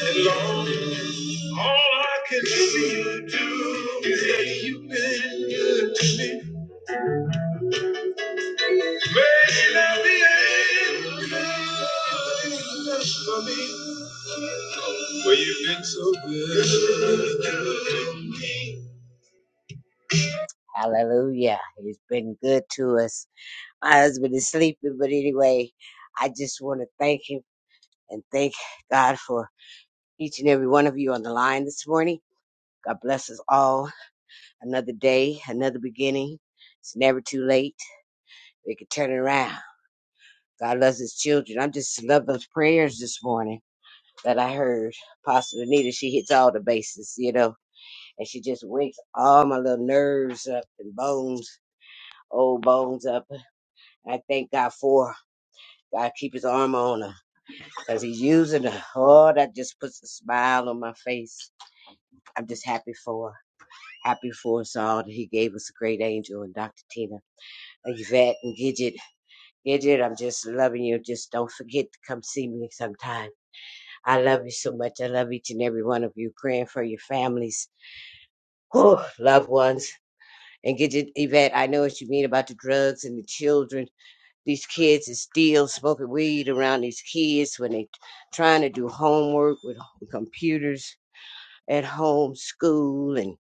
[SPEAKER 5] And Lord, all I can see do is that you've been good to me. Well, so Hallelujah. He's been good to us. My husband is sleeping, but anyway, I just want to thank him and thank God for each and every one of you on the line this morning. God bless us all. Another day, another beginning. It's never too late. We can turn it around. God loves his children. I just love those prayers this morning that I heard. Apostle Anita, she hits all the bases, you know, and she just wakes all my little nerves up and bones, old bones up. I thank God for her. God keep his arm on her because he's using her. Oh, that just puts a smile on my face. I'm just happy for her. Happy for us all that he gave us a great angel and Dr. Tina, Yvette, and Gidget. Gidget, I'm just loving you. Just don't forget to come see me sometime. I love you so much. I love each and every one of you. Praying for your families whew, loved ones. And get it, Yvette, I know what you mean about the drugs and the children. These kids is still smoking weed around these kids when they trying to do homework with computers at home, school, and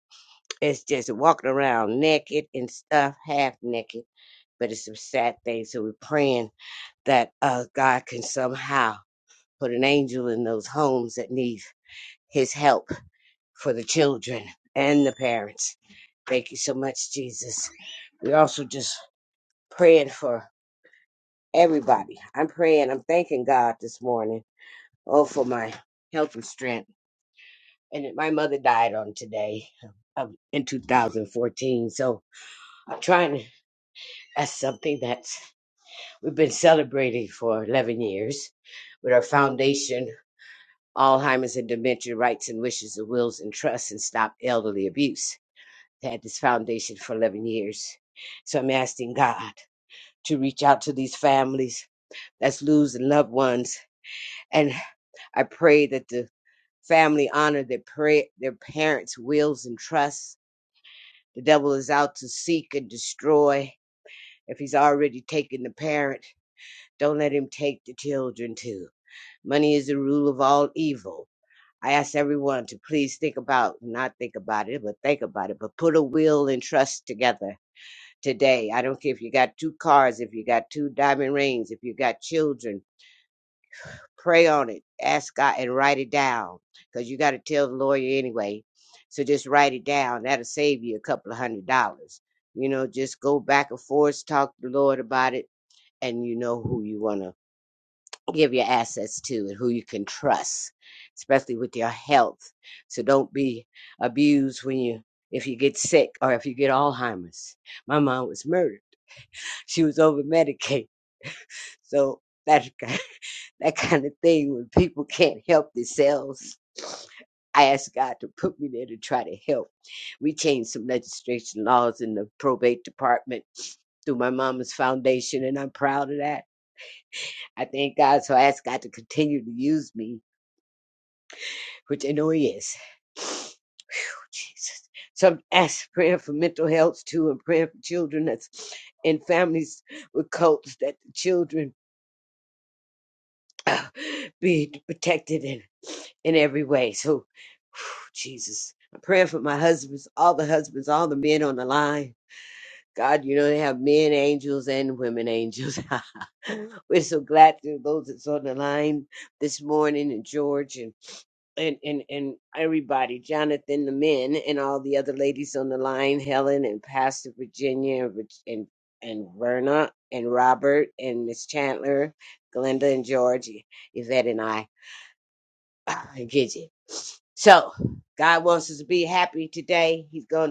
[SPEAKER 5] it's just walking around naked and stuff, half naked. But it's some sad things. So we're praying that uh, God can somehow put an angel in those homes that need his help for the children and the parents Thank you so much, Jesus. We're also just praying for everybody. I'm praying, I'm thanking God this morning. Oh, for my health and strength. And my mother died on today um, in 2014. So I'm trying to, that's something that we've been celebrating for 11 years with our foundation, Alzheimer's and Dementia Rights and Wishes and Wills and Trusts and Stop Elderly Abuse. Had this foundation for 11 years. So I'm asking God. to reach out to these families that's losing loved ones. And I pray that the family honor their pray their parents' wills and trusts. The devil is out to seek and destroy. If he's already taken the parent, don't let him take the children too. Money is the rule of all evil. I ask everyone to please think about, not think about it, but think about it, but put a will and trust together today. I don't care if you got two cars, if you got two diamond rings, if you got children, Pray on it. Ask God and write it down because you got to tell the lawyer anyway. So just write it down. That'll save you a couple of hundred dollars. You know, just go back and forth, talk to the Lord about it, and you know who you want to give your assets to and who you can trust, especially with your health. So don't be abused when you if you get sick or if you get Alzheimer's. My mom was murdered. She was over medicated. So that that kind of thing when people can't help themselves. I ask God to put me there to try to help. We changed some legislation laws in the probate department through my mama's foundation, and I'm proud of that. I thank God, so I ask God to continue to use me, which I know He is. Whew, Jesus. So I'm asking prayer for mental health too, and praying for children that's in families with cults that the children be protected and. in every way. So, whew, Jesus, I'm praying for my husbands, all the husbands, all the men on the line. God, you know they have men angels and women angels. We're so glad to those that's on the line this morning, and George and and and and everybody, Jonathan, the men, and all the other ladies on the line, Helen and Pastor Virginia and Reg- and, and Verna and Robert and Miss Chandler, Glenda and George, Yvette and I, and Gidget. So God wants us to be happy today. He's going to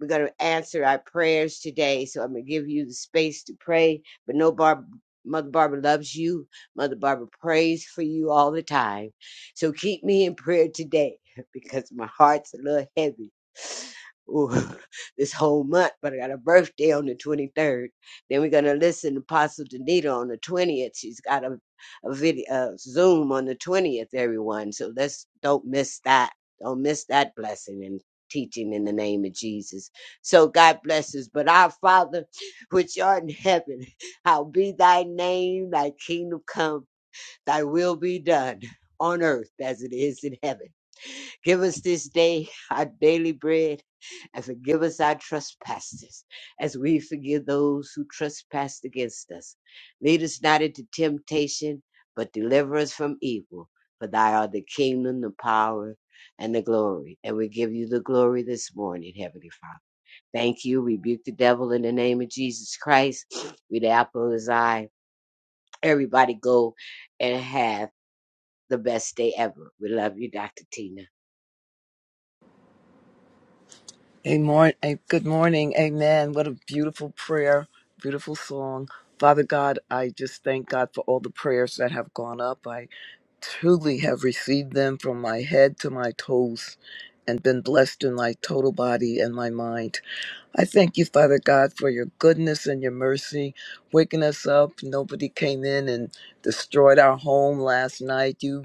[SPEAKER 5] we're going to answer our prayers today. So I'm going to give you the space to pray. But no, Barb, Mother Barbara loves you. Mother Barbara prays for you all the time. So keep me in prayer today because my heart's a little heavy. Ooh, this whole month, but I got a birthday on the 23rd. Then we're going to listen to Apostle Danita on the 20th. She's got a, a video, a Zoom on the 20th, everyone. So let's don't miss that. Don't miss that blessing and teaching in the name of Jesus. So God bless us. But our Father, which art in heaven, hallowed be thy name, thy kingdom come, thy will be done on earth as it is in heaven. Give us this day our daily bread and forgive us our trespasses as we forgive those who trespass against us. Lead us not into temptation, but deliver us from evil. For thy art the kingdom, the power, and the glory. And we give you the glory this morning, Heavenly Father. Thank you. Rebuke the devil in the name of Jesus Christ. We the apple of his eye. Everybody go and have the best day ever. We love you, Dr. Tina.
[SPEAKER 7] A morn, a good morning. Amen. What a beautiful prayer, beautiful song. Father God, I just thank God for all the prayers that have gone up. I truly have received them from my head to my toes and been blessed in my total body and my mind. I thank you, Father God, for your goodness and your mercy, waking us up. Nobody came in and destroyed our home last night. You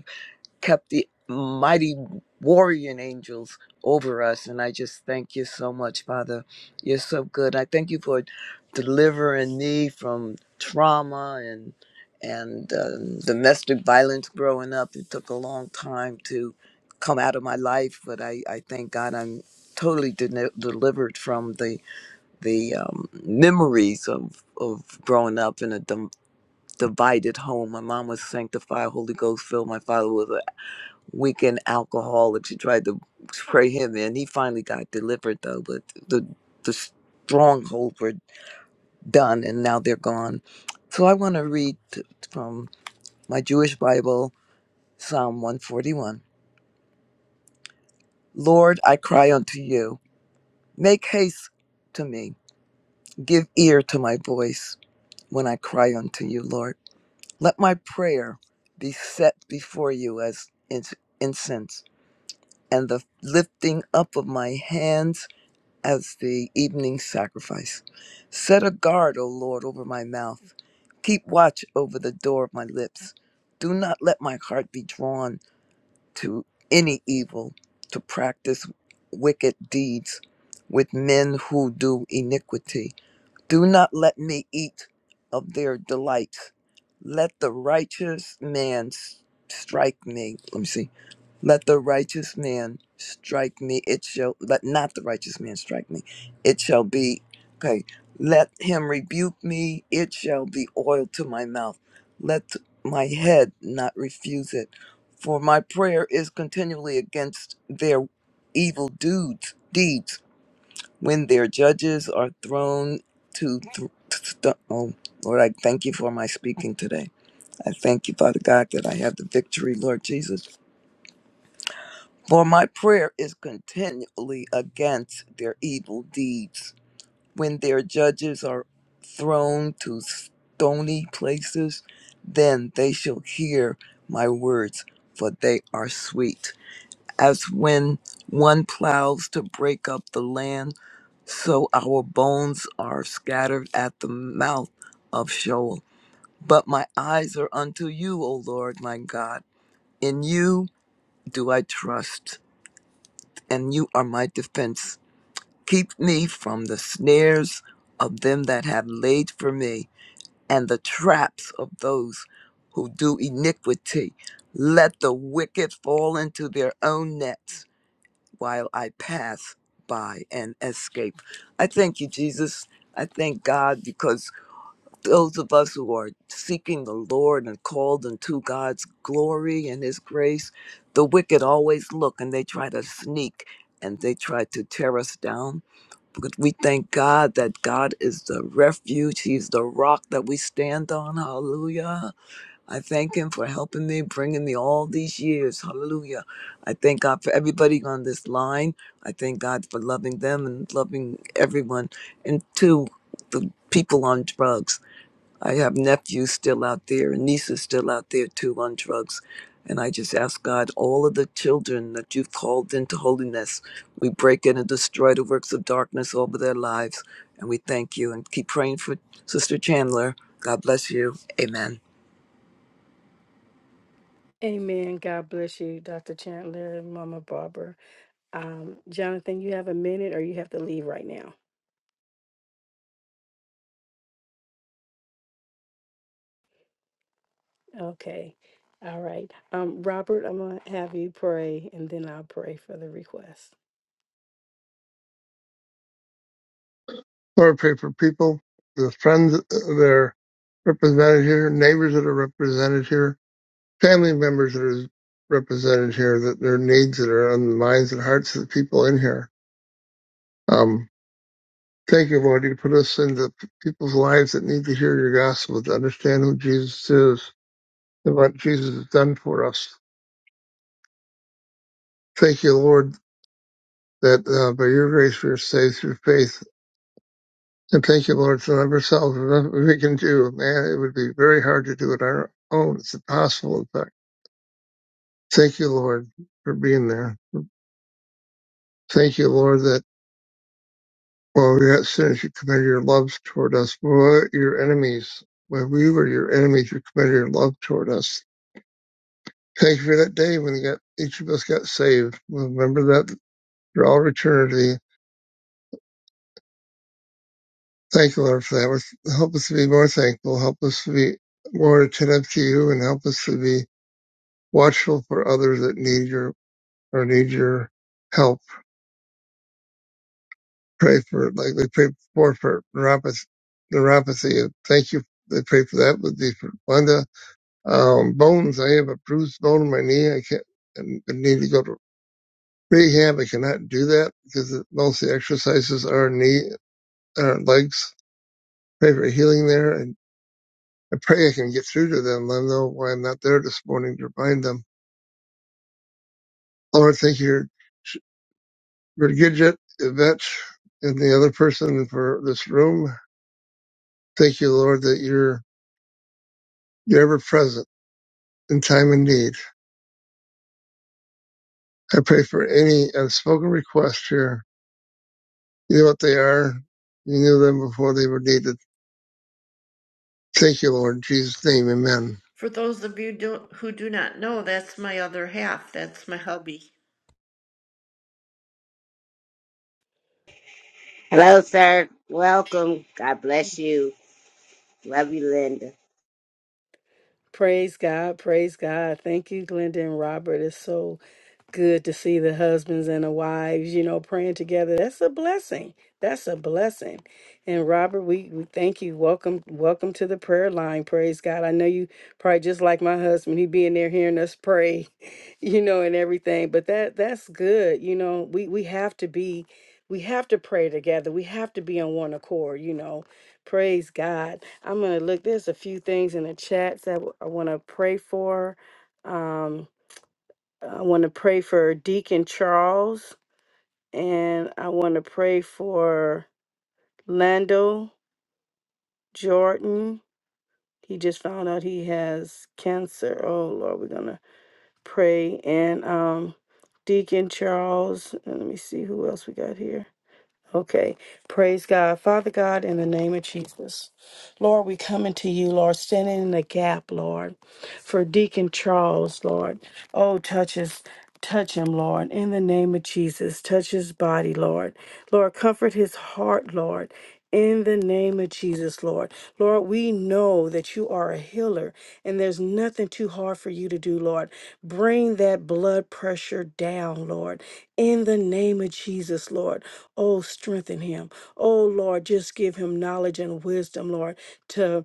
[SPEAKER 7] kept the mighty warrior angels over us. And I just thank you so much, Father. You're so good. I thank you for delivering me from trauma and and um, domestic violence growing up. It took a long time to come out of my life, but I, I thank God I'm totally de- delivered from the the um, memories of of growing up in a dom- divided home. My mom was sanctified, Holy Ghost filled. My father was an weekend alcoholics She tried to spray him in. He finally got delivered though, but the the strongholds were done and now they're gone. So I want to read t- from my Jewish Bible, Psalm 141. Lord, I cry unto you. Make haste to me. Give ear to my voice when I cry unto you, Lord. Let my prayer be set before you as ins- incense, and the lifting up of my hands as the evening sacrifice. Set a guard, O Lord, over my mouth. Keep watch over the door of my lips. Do not let my heart be drawn to any evil, to practice wicked deeds with men who do iniquity do not let me eat of their delights. Let the righteous man s- strike me. Let me see. Let the righteous man strike me. It shall let not the righteous man strike me. It shall be okay. Let him rebuke me. It shall be oil to my mouth. Let my head not refuse it. For my prayer is continually against their evil dudes, deeds when their judges are thrown to th- th- oh lord i thank you for my speaking today i thank you father god that i have the victory lord jesus for my prayer is continually against their evil deeds when their judges are thrown to stony places then they shall hear my words for they are sweet as when one plows to break up the land so our bones are scattered at the mouth of Sheol. But my eyes are unto you, O Lord my God. In you do I trust, and you are my defense. Keep me from the snares of them that have laid for me, and the traps of those who do iniquity. Let the wicked fall into their own nets while I pass by and escape. I thank you, Jesus. I thank God because those of us who are seeking the Lord and called into God's glory and His grace, the wicked always look and they try to sneak and they try to tear us down. But we thank God that God is the refuge, He's the rock that we stand on. Hallelujah. I thank Him for helping me, bringing me all these years. Hallelujah. I thank God for everybody on this line. I thank God for loving them and loving everyone, and to the people on drugs. I have nephews still out there and nieces still out there too on drugs. And I just ask God, all of the children that you've called into holiness, we break in and destroy the works of darkness over their lives. And we thank you and keep praying for Sister Chandler. God bless you. Amen.
[SPEAKER 1] Amen. God bless you, Dr. Chandler and Mama Barbara. Um, Jonathan, you have a minute, or you have to leave right now. Okay. All right. Um, Robert, I'm going to have you pray and then I'll pray for the request.
[SPEAKER 8] Lord, pray for people, the friends that are represented here, neighbors that are represented here, family members that are represented here, that their needs that are on the minds and hearts of the people in here. Um, thank you, Lord, you put us into people's lives that need to hear your gospel, to understand who Jesus is and what Jesus has done for us. Thank you, Lord, that uh, by your grace we are saved through faith And thank you, Lord, for of ourselves, nothing we can do. Man, it would be very hard to do it on our own. It's impossible, in fact. Thank you, Lord, for being there. Thank you, Lord, that, while we yet since you committed your love toward us, we were your enemies. When we were your enemies, you committed your love toward us. Thank you for that day when you got, each of us got saved. We'll remember that for all eternity. Thank you, Lord, for that. Help us to be more thankful. Help us to be more attentive to you and help us to be watchful for others that need your or need your help. Pray for like they pray for for neuropathy. Neuropathy. and Thank you. They pray for that with the for Linda. Um, bones. I have a bruised bone in my knee. I can't. and need to go to rehab. I cannot do that because it- most of the exercises are knee or legs. Pray for healing there, and I pray I can get through to them. Let them know why I'm not there this morning to remind them. Lord, thank you. for Gidget, Yvette, and the other person for this room. Thank you, Lord, that you're, you're ever present in time and need. I pray for any unspoken requests here. You know what they are. You knew them before they were needed. Thank you, Lord. In Jesus' name, amen.
[SPEAKER 3] For those of you do, who do not know, that's my other half. That's my hubby.
[SPEAKER 5] Hello, sir. Welcome. God bless you. Love you, Linda.
[SPEAKER 1] Praise God. Praise God. Thank you, Glenda and Robert. It's so good to see the husbands and the wives, you know, praying together. That's a blessing. That's a blessing. And Robert, we, we thank you. Welcome, welcome to the prayer line. Praise God. I know you probably just like my husband, he being there hearing us pray, you know, and everything. But that that's good. You know, we we have to be we have to pray together. We have to be on one accord, you know. Praise God. I'm gonna look. There's a few things in the chats that I want to pray for. Um, I want to pray for Deacon Charles and I want to pray for Lando Jordan. He just found out he has cancer. Oh Lord, we're gonna pray and um Deacon Charles. And let me see who else we got here. Okay. Praise God. Father God, in the name of Jesus. Lord, we come into you, Lord, standing in the gap, Lord, for Deacon Charles, Lord. Oh, touch his, touch him, Lord, in the name of Jesus. Touch his body, Lord. Lord, comfort his heart, Lord. In the name of Jesus, Lord. Lord, we know that you are a healer and there's nothing too hard for you to do, Lord. Bring that blood pressure down, Lord. In the name of Jesus, Lord. Oh, strengthen him. Oh, Lord, just give him knowledge and wisdom, Lord, to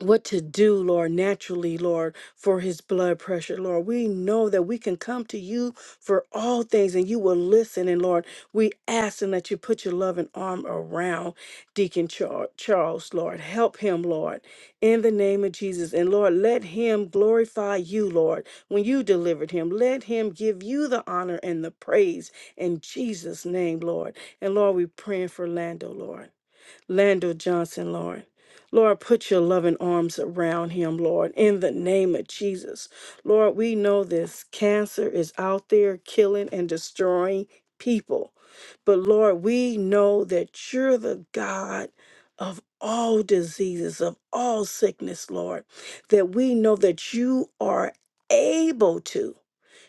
[SPEAKER 1] what to do, Lord, naturally, Lord, for his blood pressure, Lord. We know that we can come to you for all things and you will listen. And Lord, we ask and that you put your loving arm around Deacon Char- Charles, Lord. Help him, Lord, in the name of Jesus. And Lord, let him glorify you, Lord, when you delivered him. Let him give you the honor and the praise in Jesus' name, Lord. And Lord, we praying for Lando, Lord. Landon Johnson, Lord. Lord, put your loving arms around him, Lord, in the name of Jesus. Lord, we know this cancer is out there killing and destroying people. But Lord, we know that you're the God of all diseases, of all sickness, Lord, that we know that you are able to.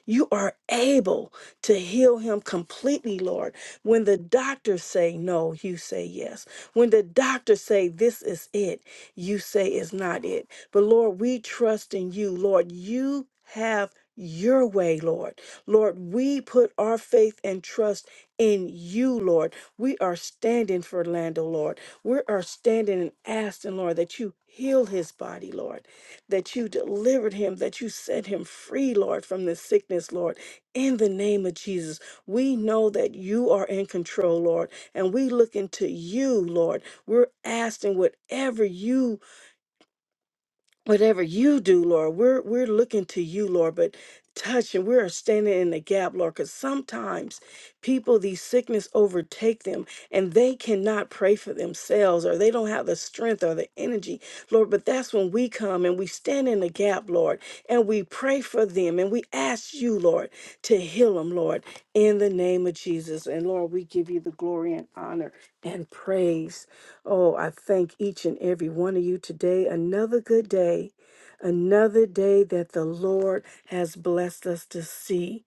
[SPEAKER 1] You are able to heal him completely, Lord. When the doctors say no, you say yes. When the doctors say this is it, you say it's not it. But Lord, we trust in you, Lord. You have your way, Lord. Lord, we put our faith and trust in you, Lord. We are standing for Lando, Lord. We are standing and asking, Lord, that you heal his body, Lord that you delivered him, that you set him free, Lord, from this sickness, Lord. In the name of Jesus, we know that you are in control, Lord, and we look into you, Lord. We're asking whatever you whatever you do, Lord, we're we're looking to you, Lord, but touch and we're standing in the gap, Lord, because sometimes people these sickness overtake them and they cannot pray for themselves or they don't have the strength or the energy, Lord. But that's when we come and we stand in the gap, Lord, and we pray for them and we ask you, Lord, to heal them, Lord, in the name of Jesus. And Lord, we give you the glory and honor and praise. Oh, I thank each and every one of you today. Another good day, another day that the Lord has blessed us to see.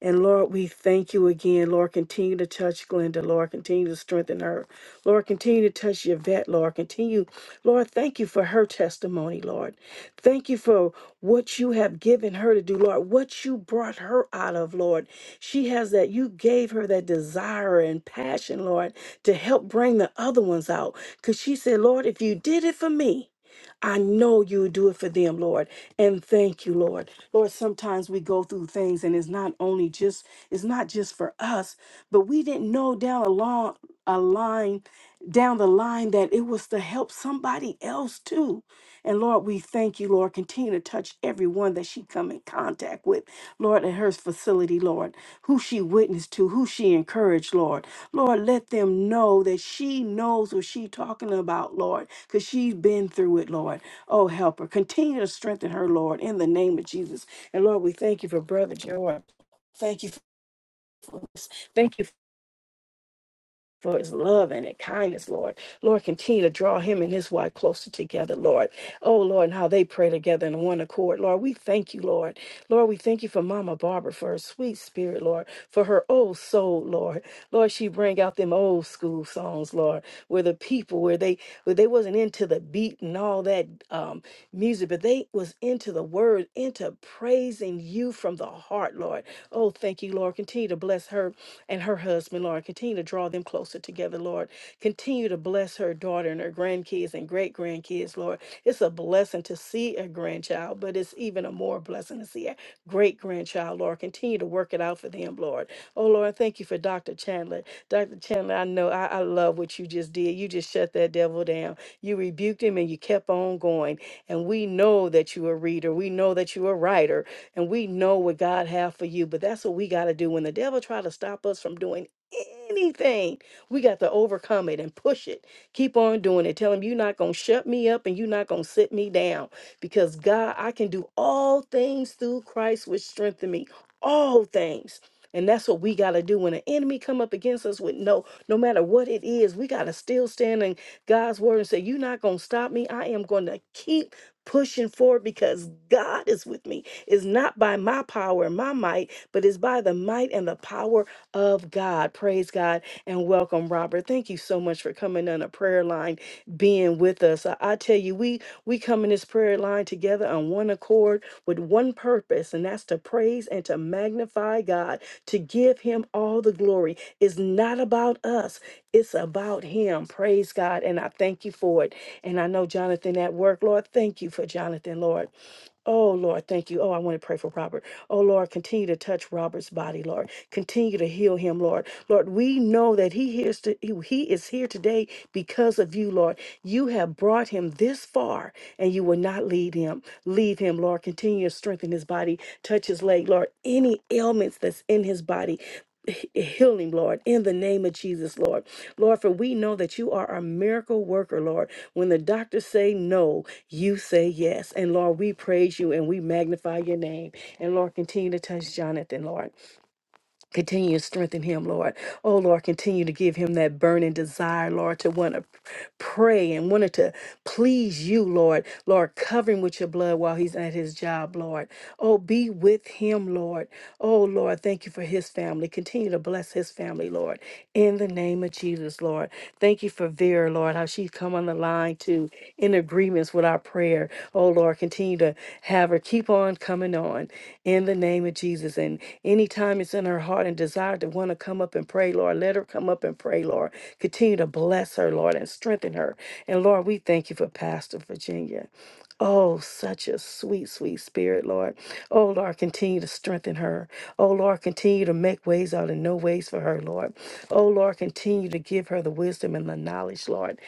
[SPEAKER 1] And Lord, we thank you again. Lord, continue to touch Glenda. Lord, continue to strengthen her. Lord, continue to touch your vet. Lord, continue. Lord, thank you for her testimony, Lord. Thank you for what you have given her to do, Lord, what you brought her out of, Lord. She has that, you gave her that desire and passion, Lord, to help bring the other ones out. Because she said, Lord, if you did it for me, I know you do it for them, Lord. And thank you, Lord. Lord, sometimes we go through things and it's not only just it's not just for us, but we didn't know down along a line down the line that it was to help somebody else too. And Lord, we thank you, Lord. Continue to touch everyone that she come in contact with, Lord, at her facility, Lord, who she witnessed to, who she encouraged, Lord. Lord, let them know that she knows what she talking about, Lord, because she's been through it, Lord. Oh, help her. Continue to strengthen her, Lord, in the name of Jesus. And Lord, we thank you for Brother George. Thank you for this. Thank you for his love and his kindness, Lord. Lord, continue to draw him and his wife closer together, Lord. Oh, Lord, and how they pray together in one accord. Lord, we thank you, Lord. Lord, we thank you for Mama Barbara, for her sweet spirit, Lord, for her old soul, Lord. Lord, she bring out them old school songs, Lord, where the people, where they, where they wasn't into the beat and all that, um, music, but they was into the word, into praising you from the heart, Lord. Oh, thank you, Lord. Continue to bless her and her husband, Lord. Continue to draw them closer together, Lord. Continue to bless her daughter and her grandkids and great grandkids, Lord. It's a blessing to see a grandchild, but it's even a more blessing to see a great grandchild, Lord. Continue to work it out for them, Lord. Oh, Lord, thank you for Dr. Chandler. Dr. Chandler, I know I, I love what you just did. You just shut that devil down. You rebuked him and you kept on going and we know that you're a reader we know that you're a writer and we know what god have for you but that's what we got to do when the devil try to stop us from doing anything we got to overcome it and push it keep on doing it tell him you're not going to shut me up and you're not going to sit me down because god i can do all things through christ which strengthen me all things and that's what we got to do when an enemy come up against us with no no matter what it is we got to still stand in god's word and say you're not going to stop me i am going to keep pushing forward because God is with me. It's not by my power and my might, but it's by the might and the power of God. Praise God and welcome, Robert. Thank you so much for coming on a prayer line, being with us. I, I tell you, we we come in this prayer line together on one accord with one purpose, and that's to praise and to magnify God, to give Him all the glory. It's not about us; it's about Him. Praise God, and I thank you for it. And I know Jonathan at work. Lord, thank you for Jonathan, Lord. Oh, Lord, thank you. Oh, I want to pray for Robert. Oh, Lord, continue to touch Robert's body, Lord. Continue to heal him, Lord. Lord, we know that he hears to, he he is here today because of you, Lord. You have brought him this far and you will not lead him leave him, Lord. Continue to strengthen his body, touch his leg, Lord. Any ailments that's in his body, he- heal him, Lord, in the name of Jesus, Lord. Lord, for we know that you are a miracle worker, Lord. When the doctors say no, you say yes. And Lord, we praise you and we magnify your name. And Lord, continue to touch Jonathan, Lord. Continue to strengthen him, Lord. Oh, Lord, continue to give him that burning desire, Lord, to want to pray and wanted to please you, Lord. Lord, cover him with your blood while he's at his job, Lord. Oh, be with him, Lord. Oh, Lord, thank you for his family. Continue to bless his family, Lord. In the name of Jesus, Lord. Thank you for Vera, Lord, how she's come on the line too, in agreements with our prayer. Oh, Lord, continue to have her keep on coming on in the name of Jesus. And anytime it's in her heart and desire to want to come up and pray, Lord, let her come up and pray, Lord. Continue to bless her, Lord, and strengthen her. And Lord, we thank you for Pastor Virginia. Oh, such a sweet, sweet spirit, Lord. Oh, Lord, continue to strengthen her. Oh, Lord, continue to make ways out of no ways for her, Lord. Oh, Lord, continue to give her the wisdom and the knowledge, Lord,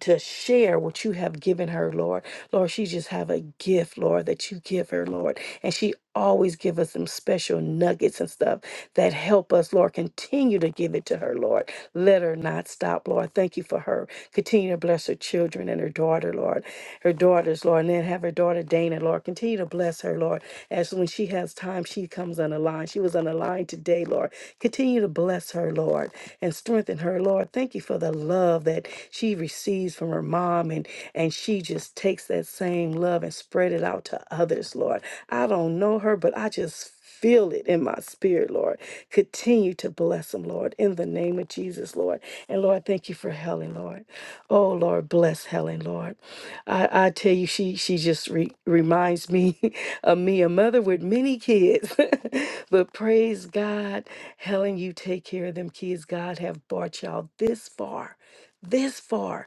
[SPEAKER 1] to share what you have given her, Lord. Lord, she just have a gift, Lord, that you give her, Lord. And she always give us some special nuggets and stuff that help us, Lord. Continue to give it to her, Lord. Let her not stop, Lord thank you for her. Continue to bless her children and her daughter, Lord. Her daughters, Lord, and then have her daughter Dana, Lord. Continue to bless her, Lord. As when she has time, she comes on the line. She was on the line today, Lord. Continue to bless her, Lord, and strengthen her, Lord. Thank you for the love that she receives from her mom and and she just takes that same love and spread it out to others, Lord. I don't know her, but I just feel it in my spirit, Lord. Continue to bless them, Lord, in the name of Jesus, Lord. And Lord, thank you for Helen, Lord. Oh, Lord, bless Helen, Lord. I, I tell you, she she just re- reminds me of me, a mother with many kids. but praise God, Helen, you take care of them kids. God have brought y'all this far, this far.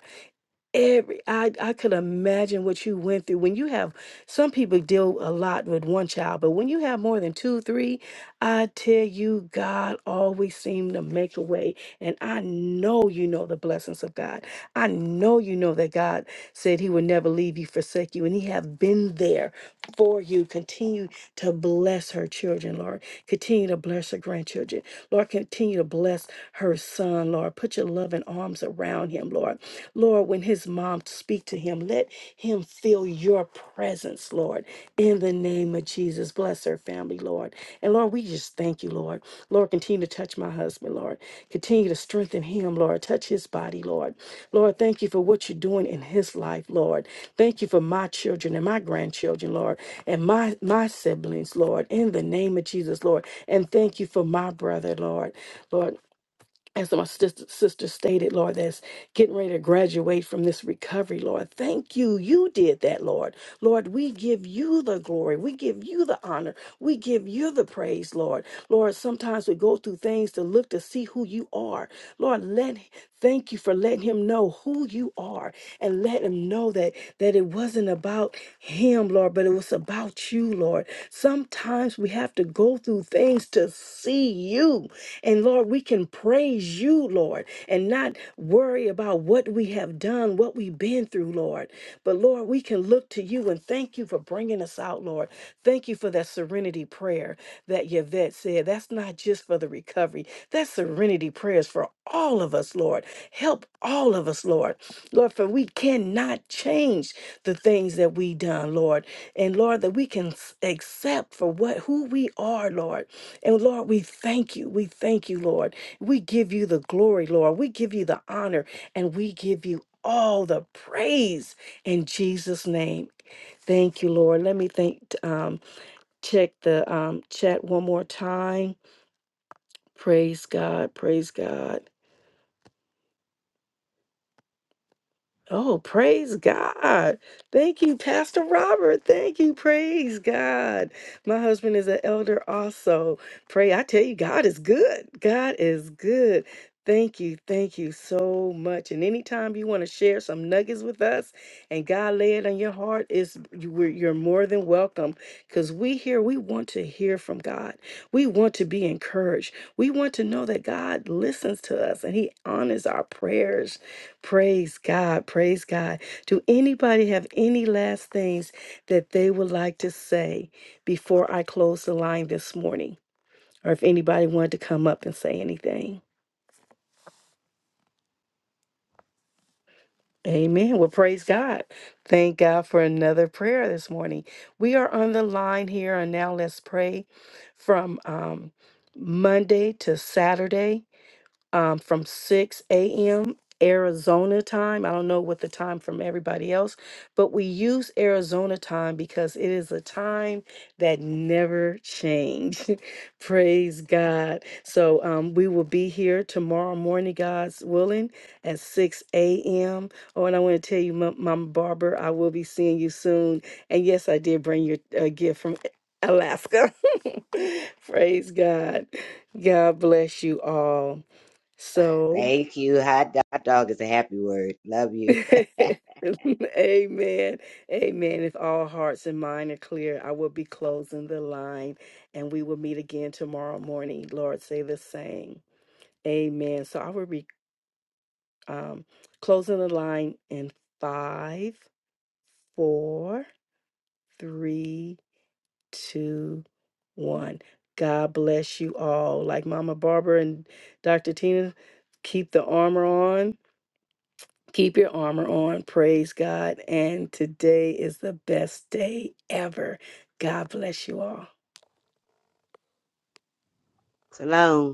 [SPEAKER 1] Every I I could imagine what you went through when you have some people deal a lot with one child, but when you have more than two, three, I tell you, God always seemed to make a way. And I know you know the blessings of God. I know you know that God said he would never leave you, forsake you, and he have been there for you. Continue to bless her children, Lord. Continue to bless her grandchildren. Lord, continue to bless her son, Lord. Put your loving arms around him, Lord. Lord, when his mom speak to him, let him feel your presence, Lord, in the name of Jesus. Bless her family, Lord. And Lord, we just thank you, Lord. Lord, continue to touch my husband, Lord. Continue to strengthen him, Lord. Touch his body, Lord. Lord, thank you for what you're doing in his life, Lord. Thank you for my children and my grandchildren, Lord, and my, my siblings, Lord, in the name of Jesus, Lord. And thank you for my brother, Lord. Lord, as my sister, sister stated, Lord, that's getting ready to graduate from this recovery, Lord. Thank you. You did that, Lord. Lord, we give you the glory. We give you the honor. We give you the praise, Lord. Lord, sometimes we go through things to look to see who you are. Lord, let thank you for letting him know who you are and let him know that that it wasn't about him, Lord, but it was about you, Lord. Sometimes we have to go through things to see you. And Lord, we can praise you, Lord, and not worry about what we have done, what we've been through, Lord. But Lord, we can look to you and thank you for bringing us out, Lord. Thank you for that serenity prayer that Yvette said. That's not just for the recovery, that serenity prayer is for all of us, Lord. Help all of us, Lord. Lord, for we cannot change the things that we done, Lord. And Lord, that we can s- accept for what who we are, Lord. And Lord, we thank you. We thank you, Lord. We give you the glory, Lord. We give you the honor and we give you all the praise in Jesus' name. Thank you, Lord. Let me think um check the um chat one more time. Praise God. Praise God. Oh, praise God. Thank you, Pastor Robert. Thank you. Praise God. My husband is an elder also. Pray. I tell you, God is good. God is good. Thank you. Thank you so much. And anytime you want to share some nuggets with us and God lay it on your heart, is you, we're- you're more than welcome because we here, we want to hear from God. We want to be encouraged. We want to know that God listens to us and He honors our prayers Praise God. Praise God. Do anybody have any last things that they would like to say before I close the line this morning? Or if anybody wanted to come up and say anything? Amen. Well, praise God. Thank God for another prayer this morning. We are on the line here, and now let's pray from um, Monday to Saturday. um, from 6 a.m. Arizona time. I don't know what the time from everybody else, but we use Arizona time because it is a time that never change. Praise God. So um, we will be here tomorrow morning, God's willing, at 6 a.m. Oh, and I want to tell you, Mom, Mama Barber, I will be seeing you soon. And yes, I did bring your uh, gift from Alaska. Praise God. God bless you all. So,
[SPEAKER 5] Thank you. Hot dog, dog is a happy word. Love you.
[SPEAKER 1] amen. Amen. If all hearts and mind are clear, I will be closing the line and we will meet again tomorrow morning. Lord, say the same. Amen. So, I will be um, closing the line in five, four, three, two, one. God bless you all. Like Mama Barbara and Dr. Tina, keep the armor on Keep your armor on. Praise God. And today is the best day ever. God bless you all.
[SPEAKER 5] Shalom.